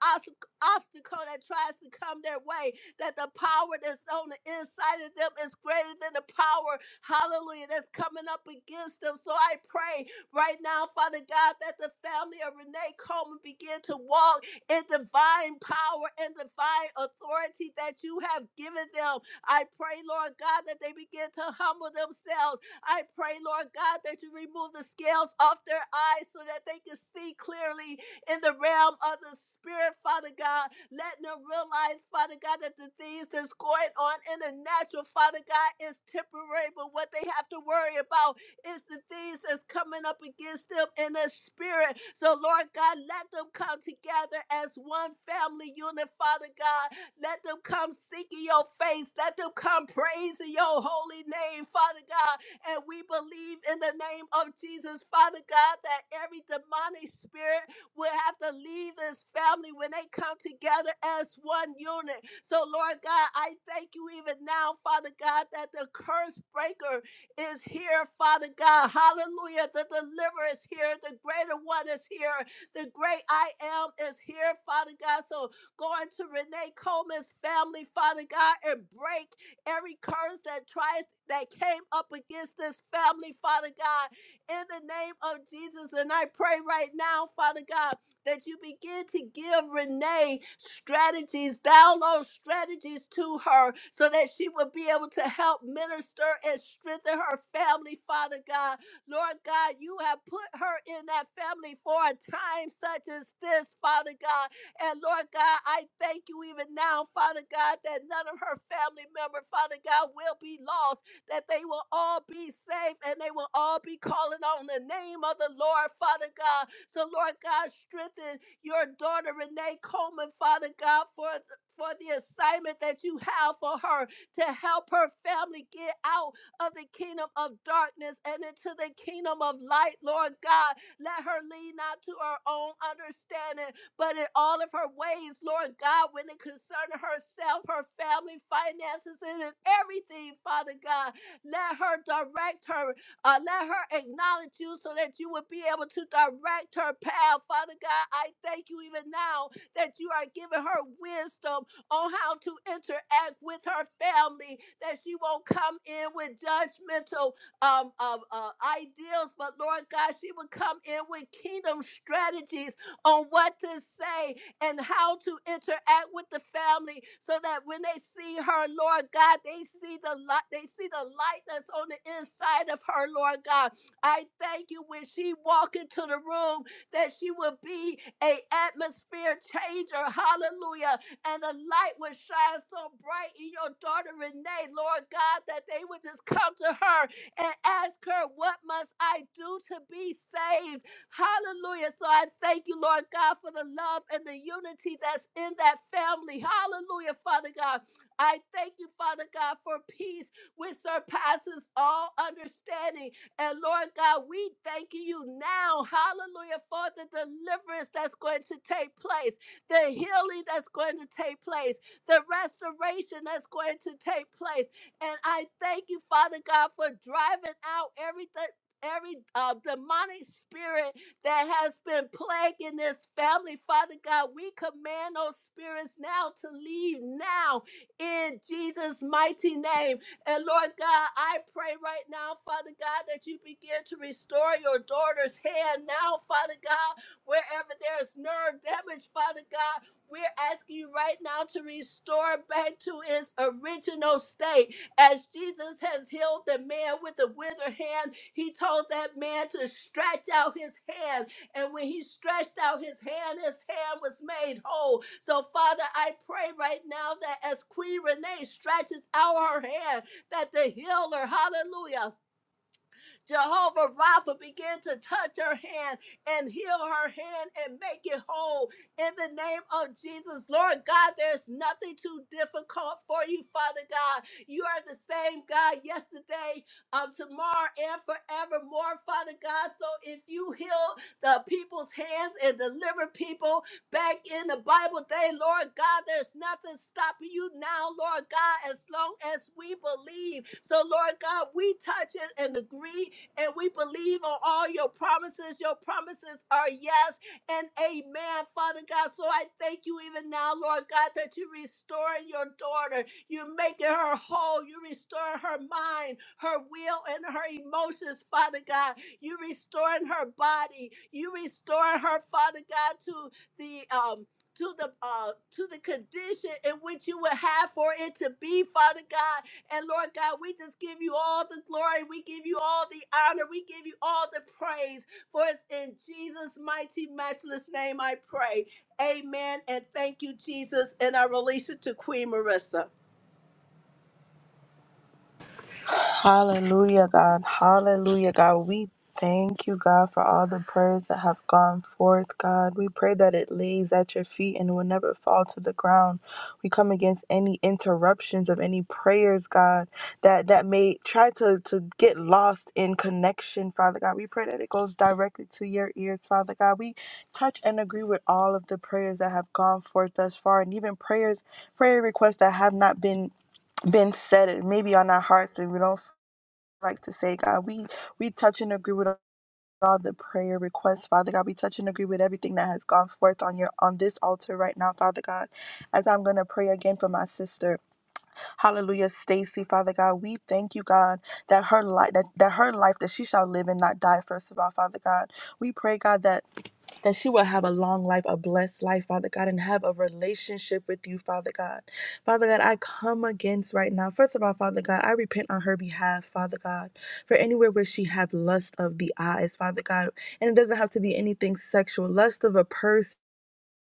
obstacle that tries to come their way, that the power that's on the inside of them is greater than the power, hallelujah, that's coming up against them. So I pray right now, Father God, that the family of Renee Coleman begin to walk. in and divine power and divine authority that you have given them. I pray, Lord God, that they begin to humble themselves. I pray, Lord God, that you remove the scales off their eyes so that they can see clearly in the realm of the spirit, Father God. Let them realize, Father God, that the things that's going on in the natural, Father God, is temporary, but what they have to worry about it's the things that's coming up against them in the spirit. So, Lord God, let them come together as one family unit, Father God. Let them come seeking your face. Let them come praising your holy name, Father God. And we believe in the name of Jesus, Father God, that every demonic spirit will have to leave this family when they come together as one unit. So, Lord God, I thank you even now, Father God, that the curse breaker is here, Father God. Hallelujah. The deliverer is here. The greater one is here. The great I am is here, Father God. So going to Renee Coleman's family, Father God, and break every curse that tries that came up against this family, Father God, in the name of Jesus. And I pray right now, Father God that you begin to give Renee strategies, download strategies to her so that she will be able to help minister and strengthen her family, Father God. Lord God, you have put her in that family for a time such as this, Father God. And Lord God, I thank you even now, Father God, that none of her family member, Father God, will be lost that they will all be safe and they will all be calling on the name of the Lord, Father God. So, Lord God, strengthen your daughter Renee Coleman, Father God, for for the assignment that you have for her to help her family get out of the kingdom of darkness and into the kingdom of light, Lord God. Let her lean not to her own understanding, but in all of her ways, Lord God, when it concerns herself, her family, finances, and in everything, Father God. Let her direct her. Uh, let her acknowledge you so that you would be able to direct her path. Father God, I thank you even now that you are giving her wisdom on how to interact with her family, that she won't come in with judgmental um, um, uh, ideals, but Lord God, she will come in with kingdom strategies on what to say, and how to interact with the family so that when they see her, Lord God, they see the light, they see the light that's on the inside of her, Lord God. I thank you when she walk into the room that she will be a atmosphere changer. Hallelujah. And the light will shine so bright in your daughter Renee, Lord God, that they would just come to her and ask her, What must I do to be saved? Hallelujah. So I thank you, Lord God, for the love and the unity that's in that family. Hallelujah, Father God. I thank you, Father God, for peace which surpasses all understanding. And Lord God, we thank you now, hallelujah, for the deliverance that's going to take place, the healing that's going to take place, the restoration that's going to take place. And I thank you, Father God, for driving out every de- every uh, demonic spirit that has been plaguing this family. Father God, we command those spirits now to leave now in Jesus' mighty name. And Lord God, I pray right now, Father God, that you begin to restore your daughter's hand now, Father God, wherever there's nerve damage, Father God. We're asking you right now to restore back to its original state. As Jesus has healed the man with the withered hand, he told that man to stretch out his hand and when he stretched out his hand, his hand was made whole. So, Father, I pray right now that as Queen Renee stretches out her hand, that the healer, hallelujah, Jehovah Rapha, begin to touch her hand and heal her hand and make it whole in the name of Jesus. Lord God, there's nothing too difficult for you, Father God. You are the same God yesterday, um, tomorrow, and forevermore, Father God. So if you heal the people's hands and deliver people back in the Bible day, Lord God, there's nothing stopping you now, Lord God, as long as we believe. So, Lord God, we touch it and agree and we believe on all your promises. Your promises are yes and amen, Father God. So I thank you even now, Lord God, that you're restoring your daughter. You're making her whole. You restore her mind, her will, and her emotions, Father God. You restoring her body. You restoring her, Father God, to the um to the uh to the condition in which you would have for it to be, Father God. And Lord God, we just give you all the glory. We give you all the honor. We give you all the praise. For it's in Jesus' mighty, matchless name I pray. Amen. And thank you, Jesus. And I release it to Queen Marissa.
Hallelujah, God. Hallelujah, God. We thank you, God, for all the prayers that have gone forth, God. We pray that it lays at your feet and will never fall to the ground. We come against any interruptions of any prayers, God, that, that may try to, to get lost in connection, Father God. We pray that it goes directly to your ears, Father God. We touch and agree with all of the prayers that have gone forth thus far and even prayers, prayer requests that have not been been said it maybe on our hearts and we don't like to say god we we touch and agree with all the prayer requests father god we touch and agree with everything that has gone forth on your on this altar right now father god as i'm going to pray again for my sister hallelujah stacy father god we thank you god that her life that, that her life that she shall live and not die first of all father god we pray god that that she will have a long life, a blessed life, Father God, and have a relationship with you, Father God. Father God, I come against right now. First of all, Father God, I repent on her behalf, Father God, for anywhere where she have lust of the eyes, Father God, and it doesn't have to be anything sexual, lust of a person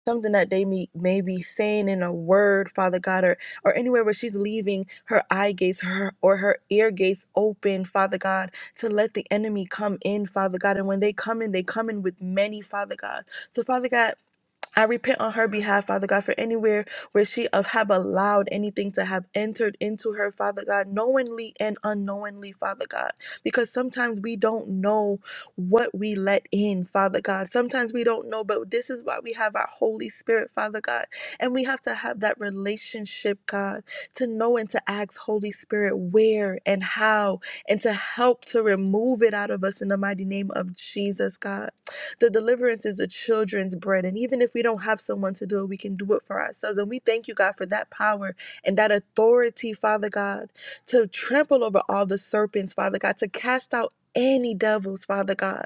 something that they may, may be saying in a word, Father God, or, or anywhere where she's leaving her eye gates her, or her ear gates open, Father God, to let the enemy come in, Father God. And when they come in, they come in with many, Father God. So, Father God, I repent on her behalf, Father God, for anywhere where she uh, have allowed anything to have entered into her, Father God, knowingly and unknowingly, Father God, because sometimes we don't know what we let in, Father God. Sometimes we don't know, but this is why we have our Holy Spirit, Father God, and we have to have that relationship, God, to know and to ask Holy Spirit where and how, and to help to remove it out of us in the mighty name of Jesus, God. The deliverance is the children's bread. And even if we don't have someone to do it, we can do it for ourselves. And we thank you, God, for that power and that authority, Father God, to trample over all the serpents, Father God, to cast out any devils, Father God,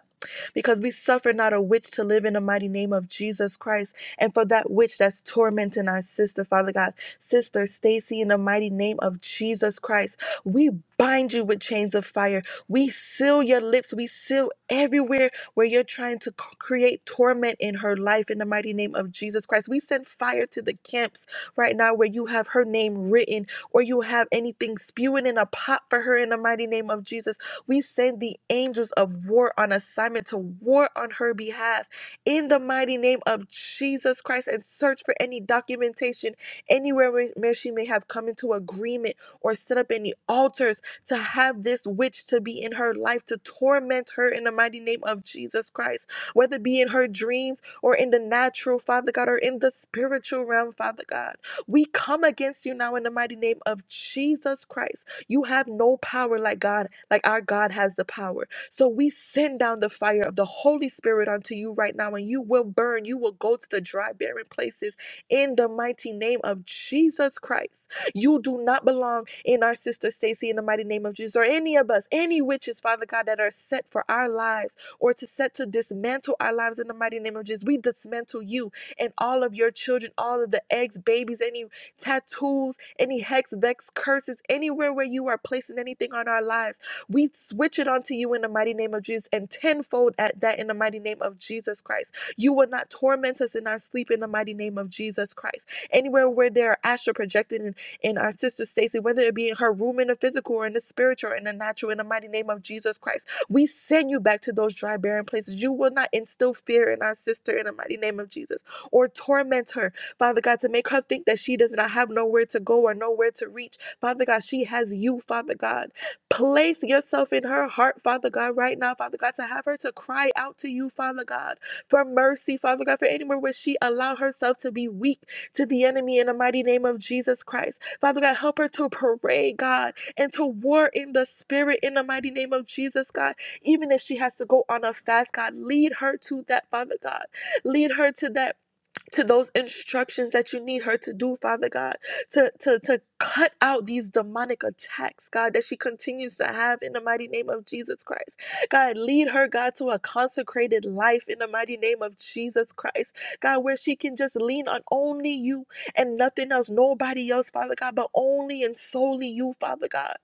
because we suffer not a witch to live in the mighty name of Jesus Christ. And for that witch that's tormenting our sister, Father God, Sister Stacy, in the mighty name of Jesus Christ, we bind you with chains of fire. We seal your lips. We seal everywhere where you're trying to create torment in her life in the mighty name of Jesus Christ. We send fire to the camps right now where you have her name written or you have anything spewing in a pot for her in the mighty name of Jesus. We send the angels of war on assignment to war on her behalf in the mighty name of Jesus Christ and search for any documentation anywhere where where she may have come into agreement or set up any altars to have this witch to be in her life to torment her in the mighty name of Jesus Christ, whether it be in her dreams or in the natural, Father God, or in the spiritual realm, Father God. We come against you now in the mighty name of Jesus Christ. You have no power like God, like our God has the power. So we send down the fire of the Holy Spirit unto you right now, and you will burn. You will go to the dry, barren places in the mighty name of Jesus Christ. You do not belong in our sister Stacy in the mighty name of Jesus or any of us, any witches, Father God, that are set for our lives or to set to dismantle our lives in the mighty name of Jesus. We dismantle you and all of your children, all of the eggs, babies, any tattoos, any hex, vex, curses, anywhere where you are placing anything on our lives. We switch it onto you in the mighty name of Jesus and tenfold at that in the mighty name of Jesus Christ. You will not torment us in our sleep in the mighty name of Jesus Christ. Anywhere where there are astral projected in our sister Stacy, whether it be in her room in the physical or in the spiritual or in the natural, in the mighty name of Jesus Christ. We send you back to those dry, barren places. You will not instill fear in our sister in the mighty name of Jesus or torment her, Father God, to make her think that she does not have nowhere to go or nowhere to reach. Father God, she has you, Father God. Place yourself in her heart, Father God, right now, Father God, to have her to cry out to you, Father God, for mercy, Father God, for anywhere where she allowed herself to be weak to the enemy in the mighty name of Jesus Christ. Father God, help her to pray, God, and to war in the spirit in the mighty name of Jesus, God. Even if she has to go on a fast, God, lead her to that, Father God. Lead her to that to those instructions that you need her to do, Father God, to, to, to cut out these demonic attacks, God, that she continues to have in the mighty name of Jesus Christ. God, lead her, God, to a consecrated life in the mighty name of Jesus Christ. God, where she can just lean on only you and nothing else, nobody else, Father God, but only and solely you, Father God.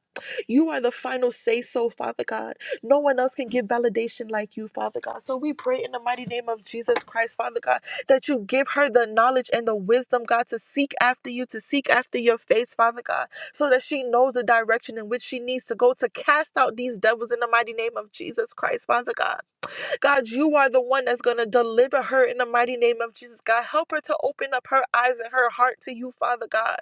You are the final say so, Father God. No one else can give validation like you, Father God. So we pray in the mighty name of Jesus Christ, Father God, that you give her the knowledge and the wisdom, God, to seek after you, to seek after your face, Father God, so that she knows the direction in which she needs to go to cast out these devils in the mighty name of Jesus Christ, Father God. God, you are the one that's going to deliver her in the mighty name of Jesus, God. Help her to open up her eyes and her heart to you, Father God.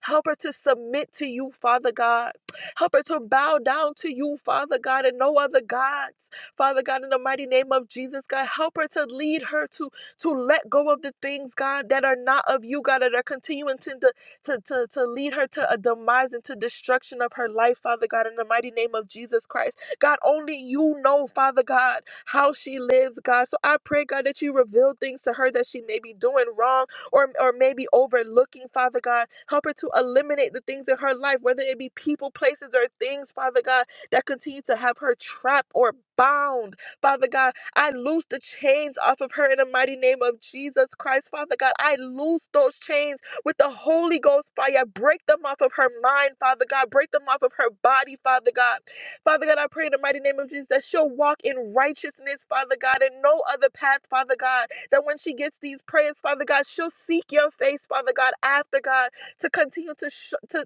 Help her to submit to you, Father God. Help her to bow down to you, Father God, and no other gods. Father God, in the mighty name of Jesus, God, help her to lead her to, to let go of the things, God, that are not of you, God, that are continuing to, de- to, to, to lead her to a demise and to destruction of her life, Father God, in the mighty name of Jesus Christ. God, only you know, Father God how she lives, God. So I pray, God, that you reveal things to her that she may be doing wrong or, or maybe overlooking, Father God. Help her to eliminate the things in her life, whether it be people, places, or things, Father God, that continue to have her trapped or bound. Father God, I loose the chains off of her in the mighty name of Jesus Christ, Father God. I loose those chains with the Holy Ghost fire. Break them off of her mind, Father God. Break them off of her body, Father God. Father God, I pray in the mighty name of Jesus that she'll walk in righteousness, Father God, and no other path, Father God. That when she gets these prayers, Father God, she'll seek your face, Father God, after God, to continue to, sh- to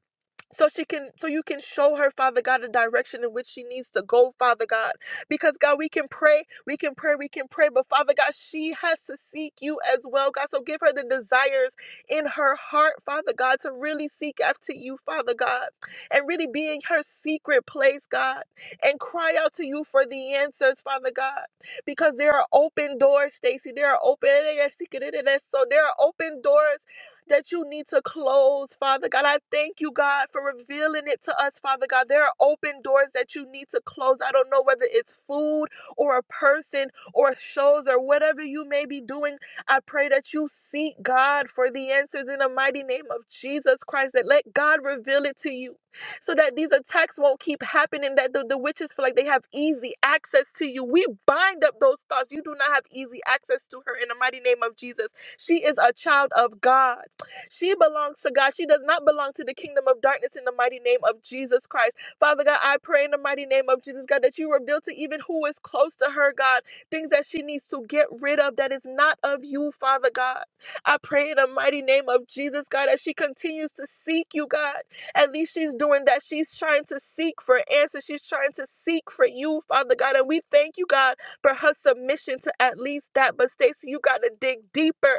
so she can so you can show her father god the direction in which she needs to go father god because god we can pray we can pray we can pray but father god she has to seek you as well god so give her the desires in her heart father god to really seek after you father god and really be in her secret place god and cry out to you for the answers father god because there are open doors stacy there are open so there are open doors that you need to close, Father God. I thank you, God, for revealing it to us, Father God. There are open doors that you need to close. I don't know whether it's food or a person or shows or whatever you may be doing. I pray that you seek God for the answers in the mighty name of Jesus Christ, that let God reveal it to you so that these attacks won't keep happening, that the, the witches feel like they have easy access to you. We bind up those thoughts. You do not have easy access to her in the mighty name of Jesus. She is a child of God. She belongs to God. She does not belong to the kingdom of darkness in the mighty name of Jesus Christ. Father God, I pray in the mighty name of Jesus, God, that you reveal to even who is close to her, God, things that she needs to get rid of that is not of you, Father God. I pray in the mighty name of Jesus, God, as she continues to seek you, God. At least she's doing that. She's trying to seek for answers. She's trying to seek for you, Father God. And we thank you, God, for her submission to at least that. But Stacey, you got to dig deeper.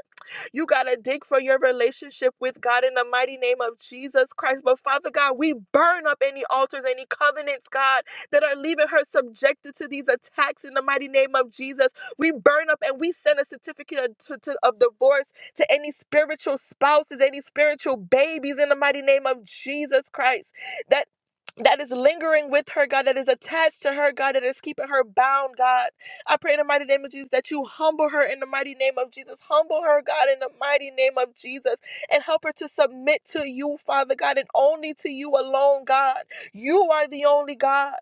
You got to dig for your relationship with God in the mighty name of Jesus Christ. But Father God, we burn up any altars, any covenants, God, that are leaving her subjected to these attacks in the mighty name of Jesus. We burn up and we send a certificate of, to- to- of divorce to any spiritual spouses, any spiritual babies in the mighty name of Jesus Christ. That that is lingering with her, God, that is attached to her, God, that is keeping her bound, God. I pray in the mighty name of Jesus that you humble her in the mighty name of Jesus. Humble her, God, in the mighty name of Jesus, and help her to submit to you, Father God, and only to you alone, God. You are the only God.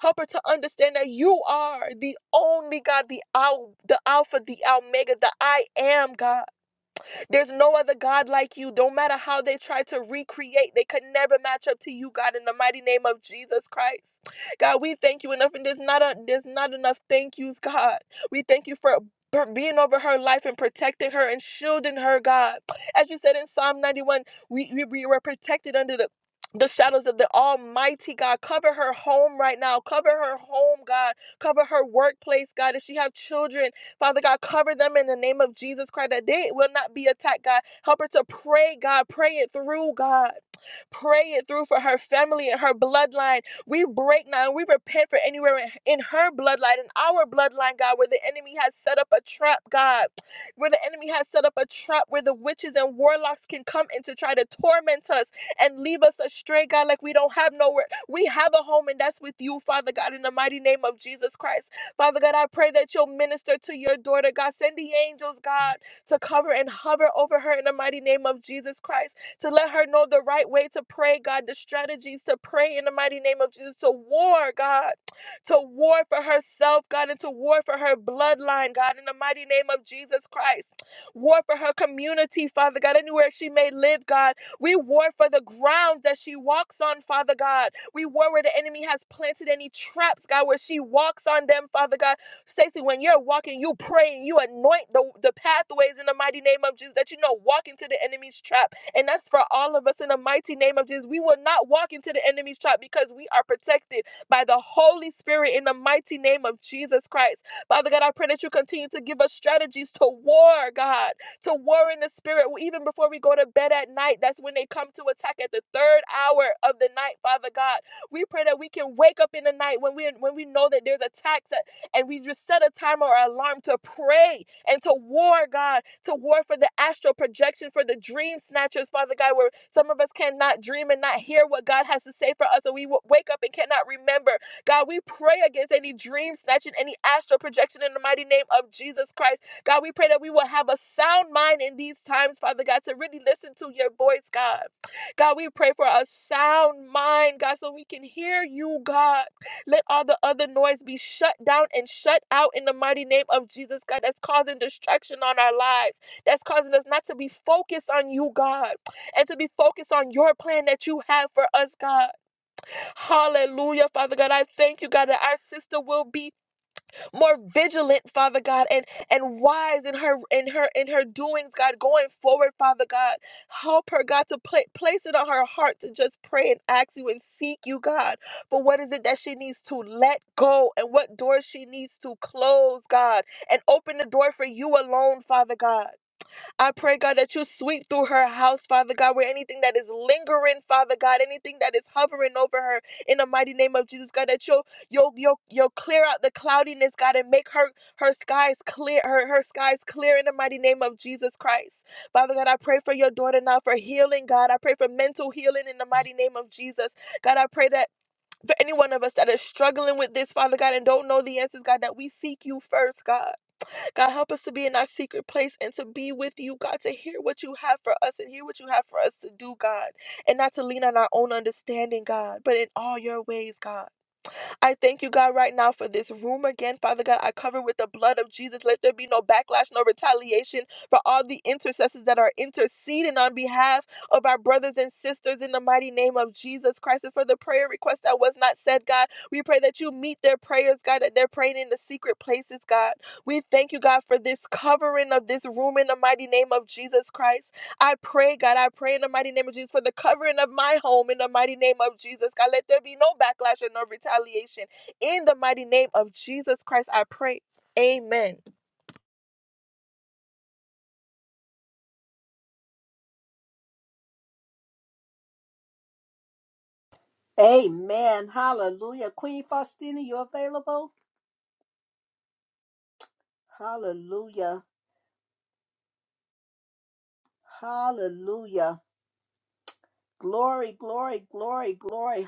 Help her to understand that you are the only God, the Al, the Alpha, the Omega, the I am God. There's no other God like you. Don't matter how they try to recreate, they could never match up to you, God, in the mighty name of Jesus Christ. God, we thank you enough, and there's not a, there's not enough thank yous, God. We thank you for for being over her life and protecting her and shielding her, God. As you said in Psalm 91, we, we, we were protected under the the shadows of the Almighty God. Cover her home right now. Cover her home, God. Cover her workplace, God. If she have children, Father God, cover them in the name of Jesus Christ that they will not be attacked, God. Help her to pray, God. Pray it through, God. Pray it through for her family and her bloodline. We break now and we repent for anywhere in, in her bloodline, in our bloodline, God, where the enemy has set up a trap, God, where the enemy has set up a trap where the witches and warlocks can come in to try to torment us and leave us astray, God, like we don't have nowhere. We have a home, and that's with you, Father God, in the mighty name of Jesus Christ. Father God, I pray that you'll minister to your daughter, God. Send the angels, God, to cover and hover over her in the mighty name of Jesus Christ to let her know the right way to pray, God, the strategies to pray in the mighty name of Jesus, to war, God, to war for herself, God, and to war for her bloodline, God, in the mighty name of Jesus Christ. War for her community, Father God, anywhere she may live, God. We war for the grounds that she walks on, Father God. We war where the enemy has planted any traps, God, where she walks on them, Father God. Stacey, when you're walking, you pray and you anoint the, the pathways in the mighty name of Jesus that you know walk into the enemy's trap and that's for all of us in the mighty name of Jesus. We will not walk into the enemy's trap because we are protected by the Holy Spirit in the mighty name of Jesus Christ. Father God, I pray that you continue to give us strategies to war, God, to war in the spirit. Well, Even before we go to bed at night, that's when they come to attack at the third hour of the night, Father God. We pray that we can wake up in the night when we when we know that there's attacks that, and we just set a timer or alarm to pray and to war, God, to war for the astral projection, for the dream snatchers, Father God, where some of us cannot dream and not hear what God has to say for us, and we wake up and cannot remember. God, we pray against any dream snatching, any astral projection in the mighty name of Jesus Christ. God, we pray that we will have a sound mind in these times, Father God, to really listen to your voice, God. God, we pray for a sound mind, God, so we can hear you, God. Let all the other noise be shut down and shut out in the mighty name of Jesus, God. That's causing distraction on our lives. That's causing us not to be focused on you, God, and to be focused on your plan that you have for us, God. Hallelujah, Father God. I thank you, God, that our sister will be more vigilant, Father God, and and wise in her in her in her doings, God, going forward, Father God. Help her, God, to pla- place it on her heart to just pray and ask you and seek you, God, for what is it that she needs to let go and what doors she needs to close, God, and open the door for you alone, Father God. I pray, God, that you sweep through her house, Father God, where anything that is lingering, Father God, anything that is hovering over her, in the mighty name of Jesus, God, that you'll you'll you'll, you'll clear out the cloudiness, God, and make her her skies clear, her her skies clear in the mighty name of Jesus Christ. Father God, I pray for your daughter now for healing, God. I pray for mental healing in the mighty name of Jesus. God, I pray that for any one of us that is struggling with this, Father God, and don't know the answers, God, that we seek you first, God. God, help us to be in our secret place and to be with you, God, to hear what you have for us and hear what you have for us to do, God, and not to lean on our own understanding, God, but in all your ways, God. I thank you, God, right now for this room again. Father God, I cover with the blood of Jesus. Let there be no backlash, no retaliation for all the intercessors that are interceding on behalf of our brothers and sisters in the mighty name of Jesus Christ. And for the prayer request that was not said, God, we pray that you meet their prayers, God, that they're praying in the secret places, God. We thank you, God, for this covering of this room in the mighty name of Jesus Christ. I pray, God, I pray in the mighty name of Jesus for the covering of my home in the mighty name of Jesus. God, let there be no backlash and no retaliation. In the mighty name of Jesus Christ, I pray. Amen.
Amen. Hallelujah. Queen Faustina, you available? Hallelujah. Hallelujah. Glory, glory, glory, glory.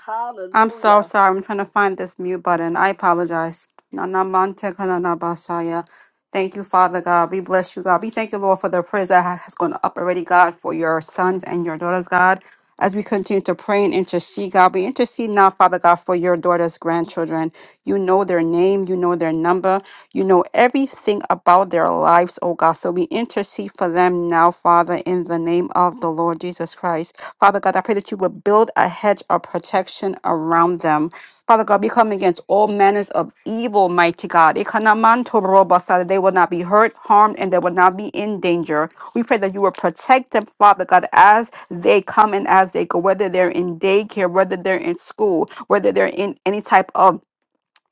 I'm so
Hallelujah.
sorry. I'm trying to find this mute button. I apologize. Na na mante kana na basaya. Thank you, Father God. We bless you, God. We thank you, Lord, for the prayers that ha- has gone up already, God, for your sons and your daughters, God. As we continue to pray and intercede, God, we intercede now, Father God, for your daughters' grandchildren. You know their name, you know their number, you know everything about their lives, oh God. So we intercede for for them now, Father, in the name of the Lord Jesus Christ. Father God, I pray that you would build a hedge of protection around them. Father God, we come against all manners of evil, mighty God. Ikanomantorobosa, that They will not be hurt, harmed, and they will not be in danger. We pray that you will protect them, Father God, as they come and as they go, whether they're in daycare, whether they're in school, whether they're in any type of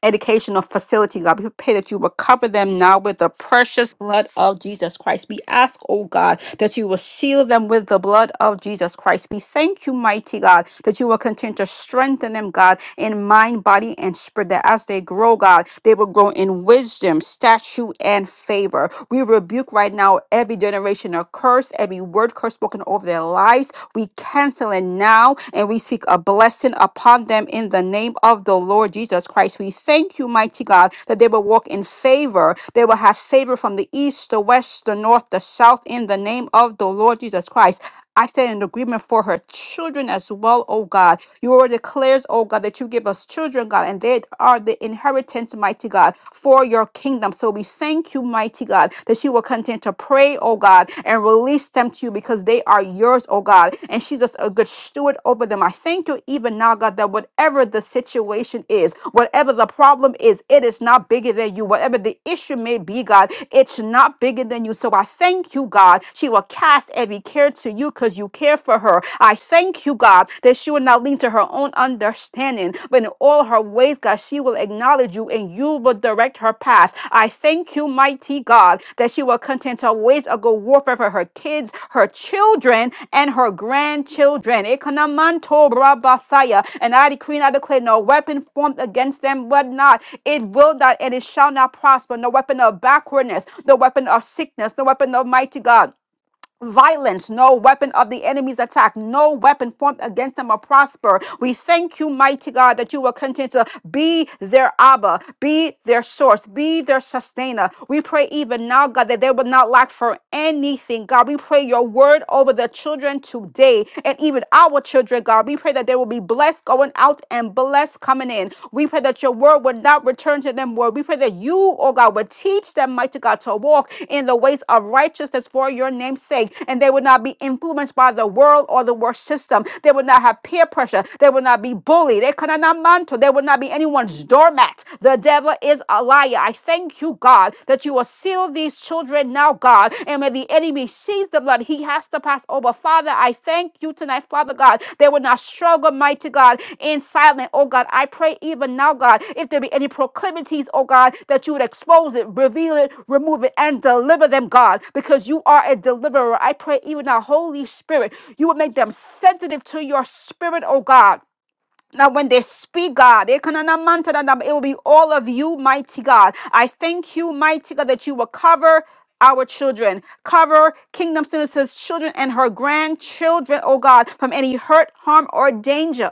educational facility, God. We pray that you will cover them now with the precious blood of Jesus Christ. We ask, oh God, that you will seal them with the blood of Jesus Christ. We thank you, mighty God, that you will continue to strengthen them, God, in mind, body, and spirit, that as they grow, God, they will grow in wisdom, stature, and favor. We rebuke right now every generation of curse, every word curse spoken over their lives. We cancel it now and we speak a blessing upon them in the name of the Lord Jesus Christ. We thank you, mighty God, that they will walk in favor. They will have favor from the east, the west, the north, the south in the name of the Lord Jesus Christ. I stand in agreement for her children as well, oh God. You word declares, oh God, that you give us children, God, and they are the inheritance, mighty God, for your kingdom. So we thank Thank you, mighty God, that she will continue to pray, oh God, and release them to you because they are yours, oh God. And she's just a good steward over them. I thank you even now, God, that whatever the situation is, whatever the problem is, it is not bigger than you. Whatever the issue may be, God, it's not bigger than you. So I thank you, God. She will cast every care to you because you care for her. I thank you, God, that she will not lean to her own understanding understanding. But in all her ways, God, she will acknowledge you and you will direct her path. I thank you, mighty God, that she will contend her ways of good warfare for her kids, her children, and her grandchildren. Ekanamanto brabasaya. And I decree and I declare no weapon formed against them but not. It will not and it shall not prosper. No weapon of backwardness, no weapon of sickness, no weapon of mighty God violence, no weapon of the enemy's attack, no weapon formed against them will prosper. We thank you, mighty God, that you will continue to be their Abba, be their source, be their sustainer. We pray even now, God, that they will not lack for anything. God, we pray your word over the children today and even our children, God. We pray that they will be blessed going out and blessed coming coming in. We pray that your word would not return to them void. We pray that you, oh God, would teach them, mighty God, to walk in the ways of righteousness for your name's sake. And they would not be influenced by the world or the world system. They would not have peer pressure. They would not be bullied. They cannot not mantle. They would not be anyone's doormat. The devil is a liar. I thank you, God, that you will seal these children now, God. God. And when the enemy sees the blood, he has to pass over. Father, I thank you tonight, Father God. They will not struggle, mighty God, in silence, oh God. I pray even now, God, if there be any proclivities, oh God, that you would expose it, reveal it, remove it, and deliver them, God, because you are a deliverer. I pray even now, Holy Spirit, you would make them sensitive to your spirit, oh God now, when they speak, God, it will be all of you, mighty God. I thank you, mighty God, that you will cover our children, cover Kingdom Citizens' children and her grandchildren, oh God, from any hurt, harm, or danger.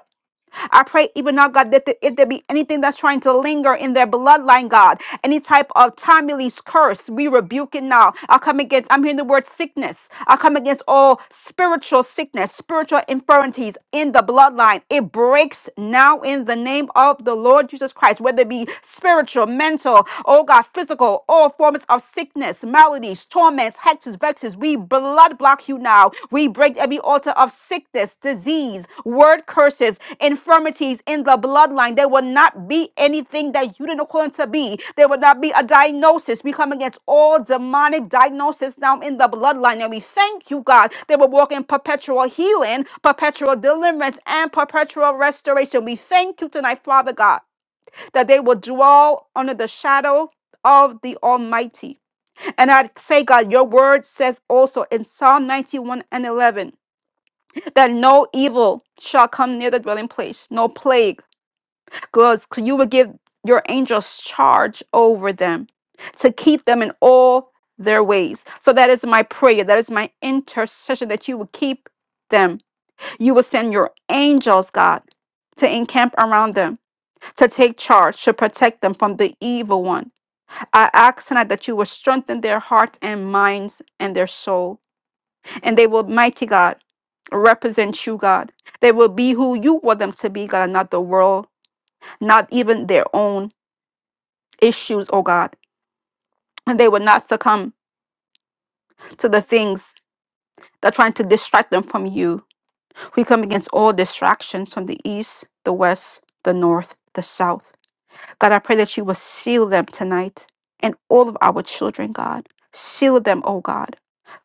I pray, even now, God, that if there be anything that's trying to linger in their bloodline, God, any type of time release curse, we rebuke it now. I come against, I'm hearing the word sickness. I come against all spiritual sickness, spiritual infirmities in the bloodline. It breaks now in the name of the Lord Jesus Christ, whether it be spiritual, mental, oh God, physical, all forms of sickness, maladies, torments, vexes. We blood block you now. We break every altar of sickness, disease, word curses, infirmities in the bloodline. There will not be anything that you didn't according to be. There will not be a diagnosis. We come against all demonic diagnosis now in the bloodline. And we thank you, God. They will walk in perpetual healing, perpetual deliverance, and perpetual restoration. We thank you tonight, Father God, that they will dwell under the shadow of the Almighty. And I say, God, your word says also in Psalm 91 and 11 that no evil shall come near the dwelling place, no plague, because you will give your angels charge over them to keep them in all their ways. So that is my prayer. That is my intercession that you will keep them. You will send your angels, God, to encamp around them, to take charge, to protect them from the evil one. I ask tonight that you will strengthen their hearts and minds and their souls. and they will, mighty God, represent you, God. They will be who you want them to be, God, and not the world, not even their own issues, oh God. And they will not succumb to the things that are trying to distract them from you. We come against all distractions from the east, the west, the north, the south. God, I pray that you will seal them tonight and all of our children, God. Seal them, oh God.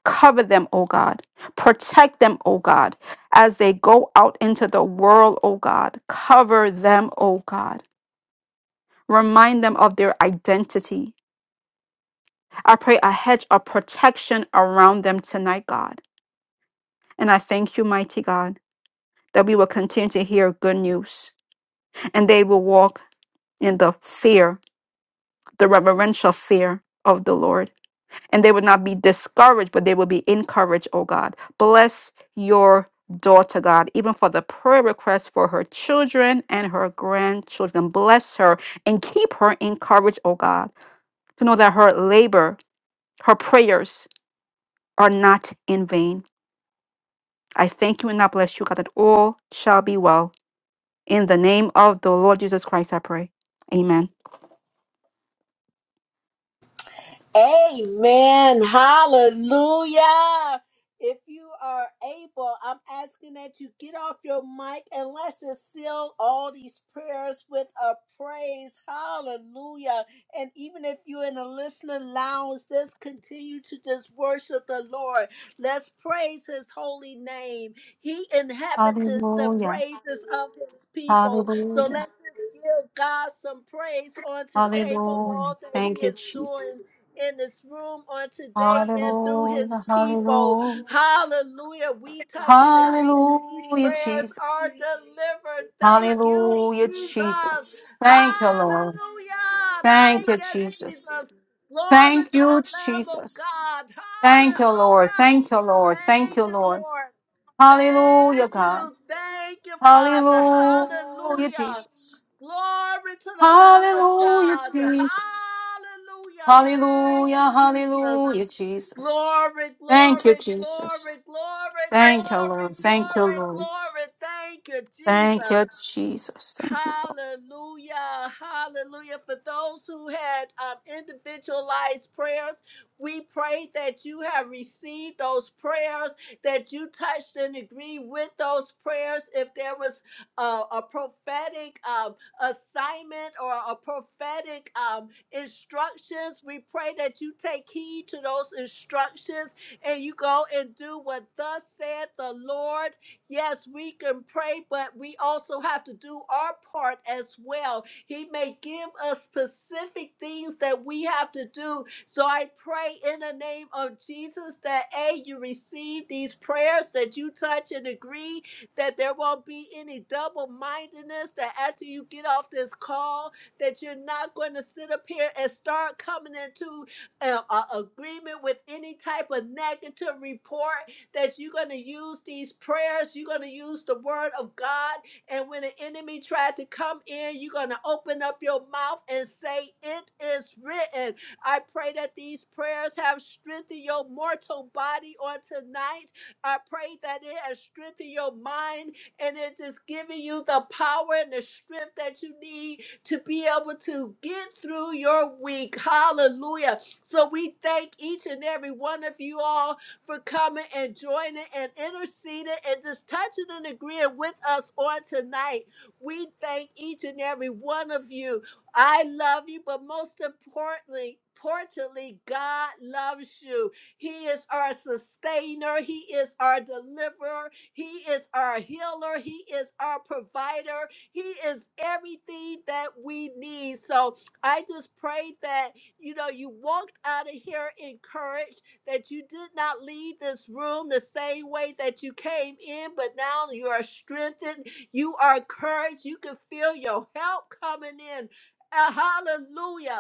Cover them, oh God. Protect them, oh God, as they go out into the world, oh God. Cover them, oh God. Remind them of their identity. I pray a hedge of protection around them tonight, God. And I thank you, mighty God, that we will continue to hear good news and they will walk in the fear, the reverential fear of the Lord. and they would not be discouraged, but they will be encouraged, oh God. Bless your daughter, God, even for the prayer request for her children and her grandchildren. Bless her and keep her encouraged, oh God, to know that her labor, her prayers are not in vain. I thank you and I bless you, God, that all shall be well. In the name of the Lord Jesus Christ, I pray. Amen.
Amen. Hallelujah. If you are able, I'm asking that you get off your mic and let's just seal all these prayers with a praise. Hallelujah. And even if you're in a listening lounge, just continue to just worship the Lord. Let's praise his holy name. He inhabits the
Hallelujah.
praises of his people. So
Hallelujah.
let's just give God some praise on today for all
Hallelujah.
that he
Thank
is
you,
doing in this room on today and through his
Hallelujah,
people.
hallelujah,
Hallelujah. We touch and agree that these
hallelujah,
prayers are
Jesus.
delivered. Thank you,
Hallelujah,
Jesus.
Jesus. Thank you, Lord.
Hallelujah.
Thank
Thank
you,
you,
Jesus.
Jesus. Glory
Thank
to the
you,
Lamb of
Jesus.
God.
Thank you, Lord.
Hallelujah.
Thank you, Lord. Thank
Thank
you,
you,
Lord.
Lord.
Hallelujah,
Thank
God.
you. Thank you, Father.
Hallelujah,
Hallelujah.
Jesus.
Glory to the Lamb of
Hallelujah,
God.
Jesus.
Hallelujah. Thank
Hallelujah,
you, Jesus.
hallelujah, Jesus.
Glory,
Thank you,
glory,
Jesus.
glory, glory,
Thank you,
glory,
Lord. Thank you,
glory,
Lord.
glory. Thank you,
Thank
Jesus.
you, Jesus. Thank you.
Hallelujah. Hallelujah. For those who had um, individualized prayers, we pray that you have received those prayers, that you touched and agreed with those prayers. If there was uh, a prophetic um, assignment or a prophetic um, instructions, we pray that you take heed to those instructions and you go and do what thus said the Lord Yes, we can pray, but we also have to do our part as well. He may give us specific things that we have to do. So I pray in the name of Jesus that A, you receive these prayers, that you touch and agree, that there won't be any double mindedness, that after you get off this call, that you're not going to sit up here and start coming into uh, a- agreement with any type of negative report that you're going to use these prayers, you're going to use the word of God. And when the enemy tried to come in, you're going to open up your mouth and say, It is written. I pray that these prayers have strengthened your mortal body on tonight. I pray that it has strengthened your mind and it is giving you the power and the strength that you need to be able to get through your week. Hallelujah. So we thank each and every one of you all for coming and joining and interceding and just touching and agreeing with us on tonight. We thank each and every one of you. I love you, but most importantly, importantly, God loves you. He is our sustainer. He is our deliverer. He is our healer. He is our provider. He is everything that we need. So I just pray that you know you walked out of here encouraged that you did not leave this room the same way that you came in, but now you are strengthened. You are encouraged. You can feel your help coming in. Uh, hallelujah.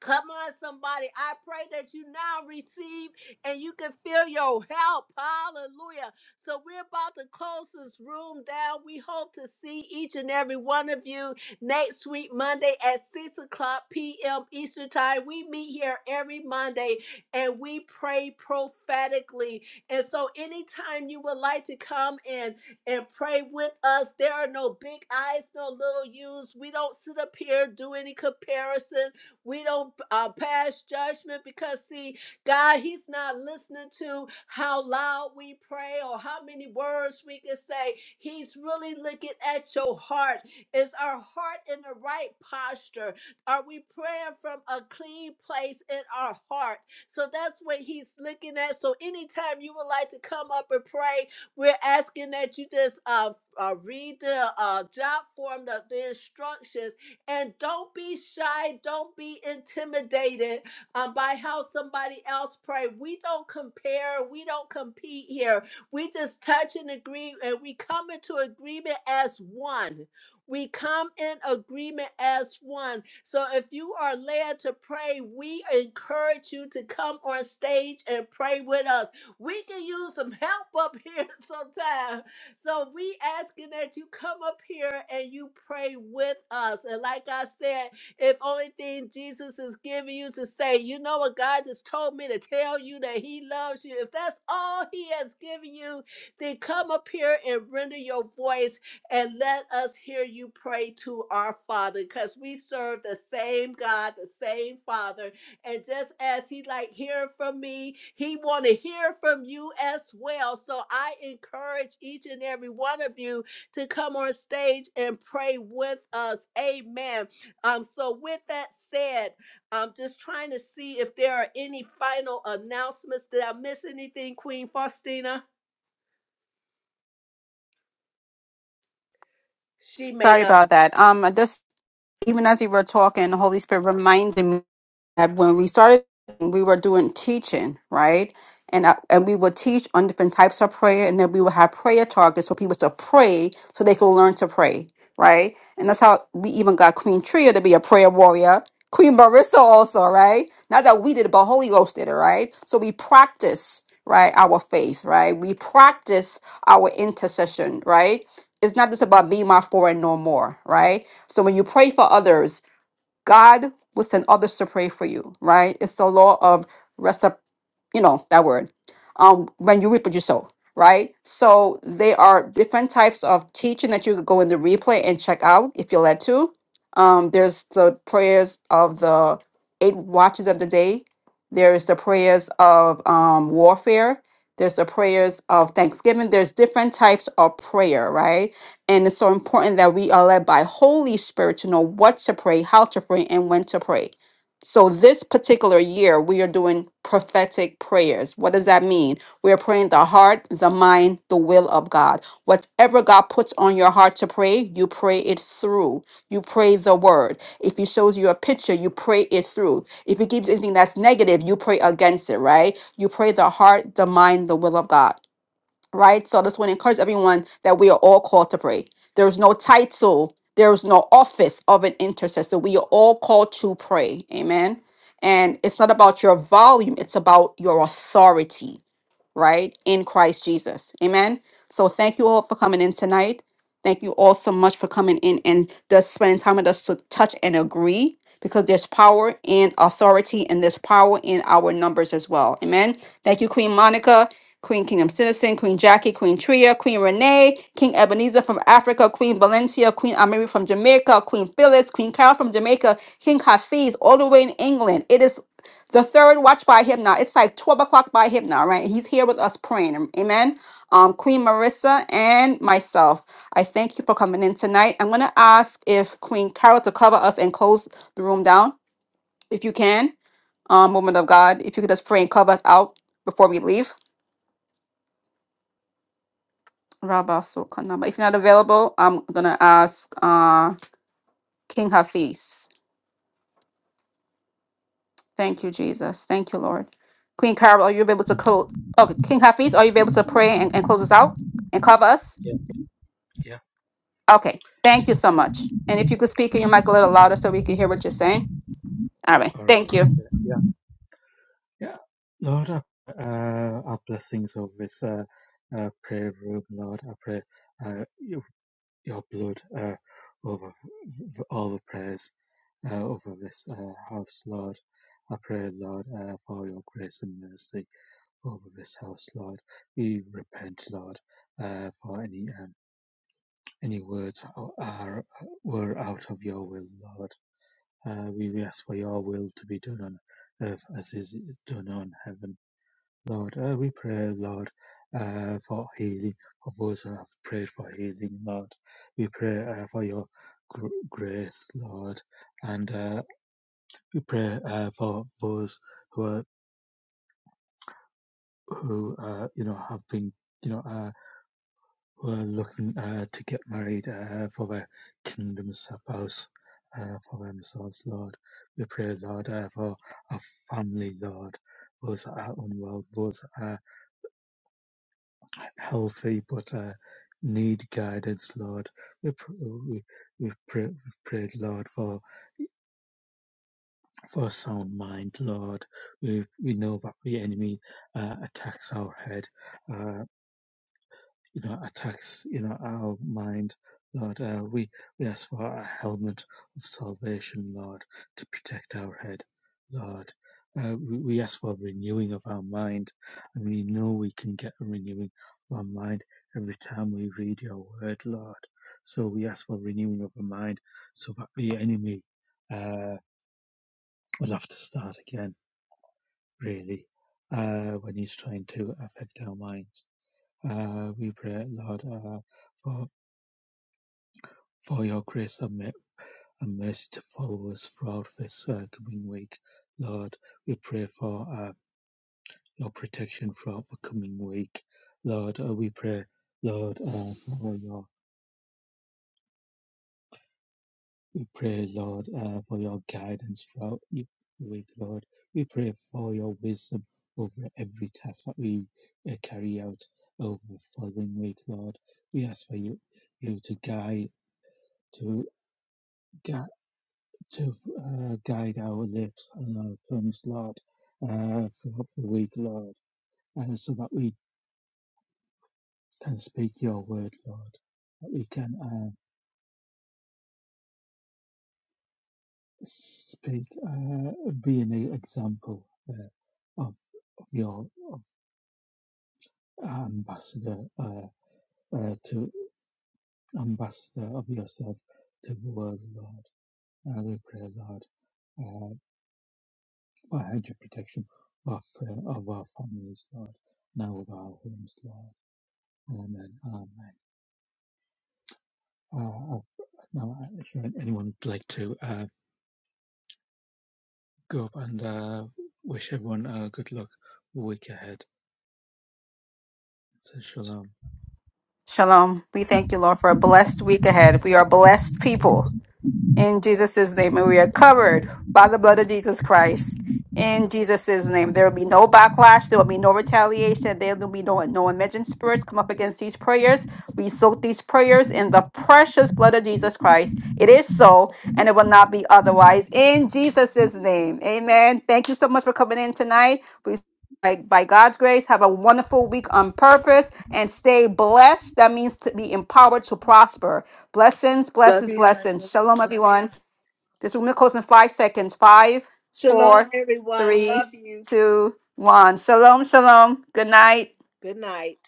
Come on, somebody. I pray that you now receive and you can feel your help. Hallelujah. So, we're about to close this room down. We hope to see each and every one of you next week, Monday at 6 o'clock p.m. Eastern Time. We meet here every Monday and we pray prophetically. And so, anytime you would like to come and, and pray with us, there are no big eyes, no little U's. We don't sit up here, do any comparison we don't uh, pass judgment because, see, God, He's not listening to how loud we pray or how many words we can say. He's really looking at your heart. Is our heart in the right posture? Are we praying from a clean place in our heart? So that's what He's looking at. So anytime you would like to come up and pray, we're asking that you just uh, uh, read the uh, job form, the, the instructions and don't be shy. Don't be intimidated um, by how somebody else pray. We don't compare. We don't compete here. We just touch and agree, and we come into agreement as one. We come in agreement as one. So if you are led to pray, we encourage you to come on stage and pray with us. We can use some help up here sometime so we asking that you come up here and you pray with us. And like I said, if only thing Jesus is giving you to say, you know what God just told me to tell you that he loves you. If that's all he has given you, then come up here and render your voice and let us hear you pray to our Father because we serve the same God, the same Father and just as he like hearing from me, he want to hear from you as well. So I encourage each and every one of you to come on stage and pray with us. Amen. Um, so with that said, I'm just trying to see if there are any final announcements. Did I miss anything, Queen Faustina? She may
Sorry
not.
about that. Um, I just even as you were talking, the Holy Spirit reminded me that when we started, we were doing teaching, right? And I, and we would teach on different types of prayer, and then we would have prayer targets for people to pray so they could learn to pray, right? And that's how we even got Queen Tria to be a prayer warrior. Queen Marissa also, right? Not that we did it, but Holy Ghost did it, right? So we practice, right, our faith, right? We practice our intercession, right? It's not just about be my foreign no more, right? So when you pray for others, God will send others to pray for you, right? It's the law of recip, you know, that word. Um, when you reap what you sow, right? So there are different types of teaching that you could go in the replay and check out if you're led to. Um, there's the prayers of the eight watches of the day. There is the prayers of um, warfare. There's the prayers of thanksgiving. There's different types of prayer, right? And it's so important that we are led by Holy Spirit to know what to pray, how to pray, and when to pray. So this particular year, we are doing prophetic prayers. What does that mean? We are praying the heart, the mind, the will of God. Whatever God puts on your heart to pray, you pray it through. You pray the word. If He shows you a picture, you pray it through. If He gives anything that's negative, you pray against it, right? You pray the heart, the mind, the will of God right? So I just want to encourage everyone that we are all called to pray. There's no title, there's no office of an intercessor. We are all called to pray. Amen. And it's not about your volume, it's about your authority right, in Christ Jesus. Amen. So thank you all for coming in tonight. Thank you all so much for coming in and just spending time with us to touch and agree because there's power in authority and there's power in our numbers as well. Amen. Thank you, Queen Monica. Queen Kingdom Citizen, Queen Jackie, Queen Tria, Queen Renee, King Ebenezer from Africa, Queen Valencia, Queen Amiri from Jamaica, Queen Phyllis, Queen Carol from Jamaica, King Hafiz, all the way in England. It is the third watch by him now. It's like 12 o'clock by him now, right? He's here with us praying. am- Amen. Um, Queen Marissa and myself, I thank you for coming in tonight. I'm going to ask if Queen Carol to cover us and close the room down, if you can. Um, woman of God, if you could just pray and cover us out before we leave. Rabba Sokana. But if you're not available, I'm going to ask uh, King Hafiz. Thank you, Jesus. Thank you, Lord. Queen Carol, are you able to close? Okay, King Hafiz, are you able to pray and, and close us out and cover us?
yeah, yeah,
Okay, thank you so much. And if you could speak in your mic a little louder so we can hear what you're saying. All right,
all right.
thank you.
Yeah, yeah. yeah. Lord, I, uh, our blessings of this uh, uh, prayer room, Lord. I pray uh, your, your blood uh, over v- v- all the prayers uh, over this uh, house, Lord. I pray, Lord, uh, for your grace and mercy. over this house, Lord. We repent, Lord, uh, for any um, any words o- are were out of your will, Lord. Uh, we we ask for your will to be done on earth as is done on heaven, Lord. Uh, we pray, Lord, uh, for healing of those who have prayed for healing, Lord. We pray uh, for your gr- grace, Lord, and uh, we pray uh, for those who are who uh, you know have been you know. Uh, were looking uh, to get married uh, for their kingdom's spouse uh, for themselves, Lord. We pray, Lord, uh, for our family, Lord. Those that are unwell, those that are healthy but uh, need guidance, Lord. We pr- we we've, pray- we've prayed, Lord, for for a sound mind, Lord. We we know that the enemy uh, attacks our head. Uh, you know, attacks, you know, our mind, Lord. Uh, we we ask for a helmet of salvation, Lord, to protect our head, Lord. Uh, we, we ask for a renewing of our mind, and we know we can get a renewing of our mind every time we read Your Word, Lord. So we ask for renewing of our mind, so that the enemy uh, will have to start again, really, uh, when he's trying to affect our minds. Uh, we pray, Lord. Uh, for For your grace and mercy to follow us throughout this uh, coming week. Lord, we pray for uh, your protection throughout the coming week. Lord, uh, we pray, Lord, uh, for your, we pray, Lord, uh, for your guidance throughout the week, Lord. We pray for your wisdom over every task that we uh, carry out over the following week, Lord. We ask for you, you to guide, to guide. to uh, guide our lips uh, tongues, Lord, uh, for for the week, Lord, uh, so that we can speak your word, Lord, that we can uh, speak, uh, be an example uh, of, of your of our ambassador uh, uh, to ambassador of yourself to the world, Lord. Uh, we pray, Lord, uh, for a hedge of protection of, uh, of our families, Lord, now of our homes, Lord. Amen. Amen. Oh, oh, no, if anyone would like to uh, go up and uh, wish everyone a good luck week ahead. So shalom.
Shalom. We thank you, Lord, for a blessed week ahead. We are blessed people. In Jesus' name, and we are covered by the blood of Jesus Christ. In Jesus' name, there will be no backlash. There will be no retaliation. There will be no no imagined spirits come up against these prayers. We soak these prayers in the precious blood of Jesus Christ. It is so, and it will not be otherwise. In Jesus' name, Amen. Thank you so much for coming in tonight. We by, by God's grace, have a wonderful week on purpose and stay blessed. That means to be empowered to prosper. Blessings, blessings, blessings. Shalom, everyone. This room will close in five seconds. Five,
Shalom,
four,
everyone.
three,
Love you.
two, one. Shalom, shalom. Good night.
Good night.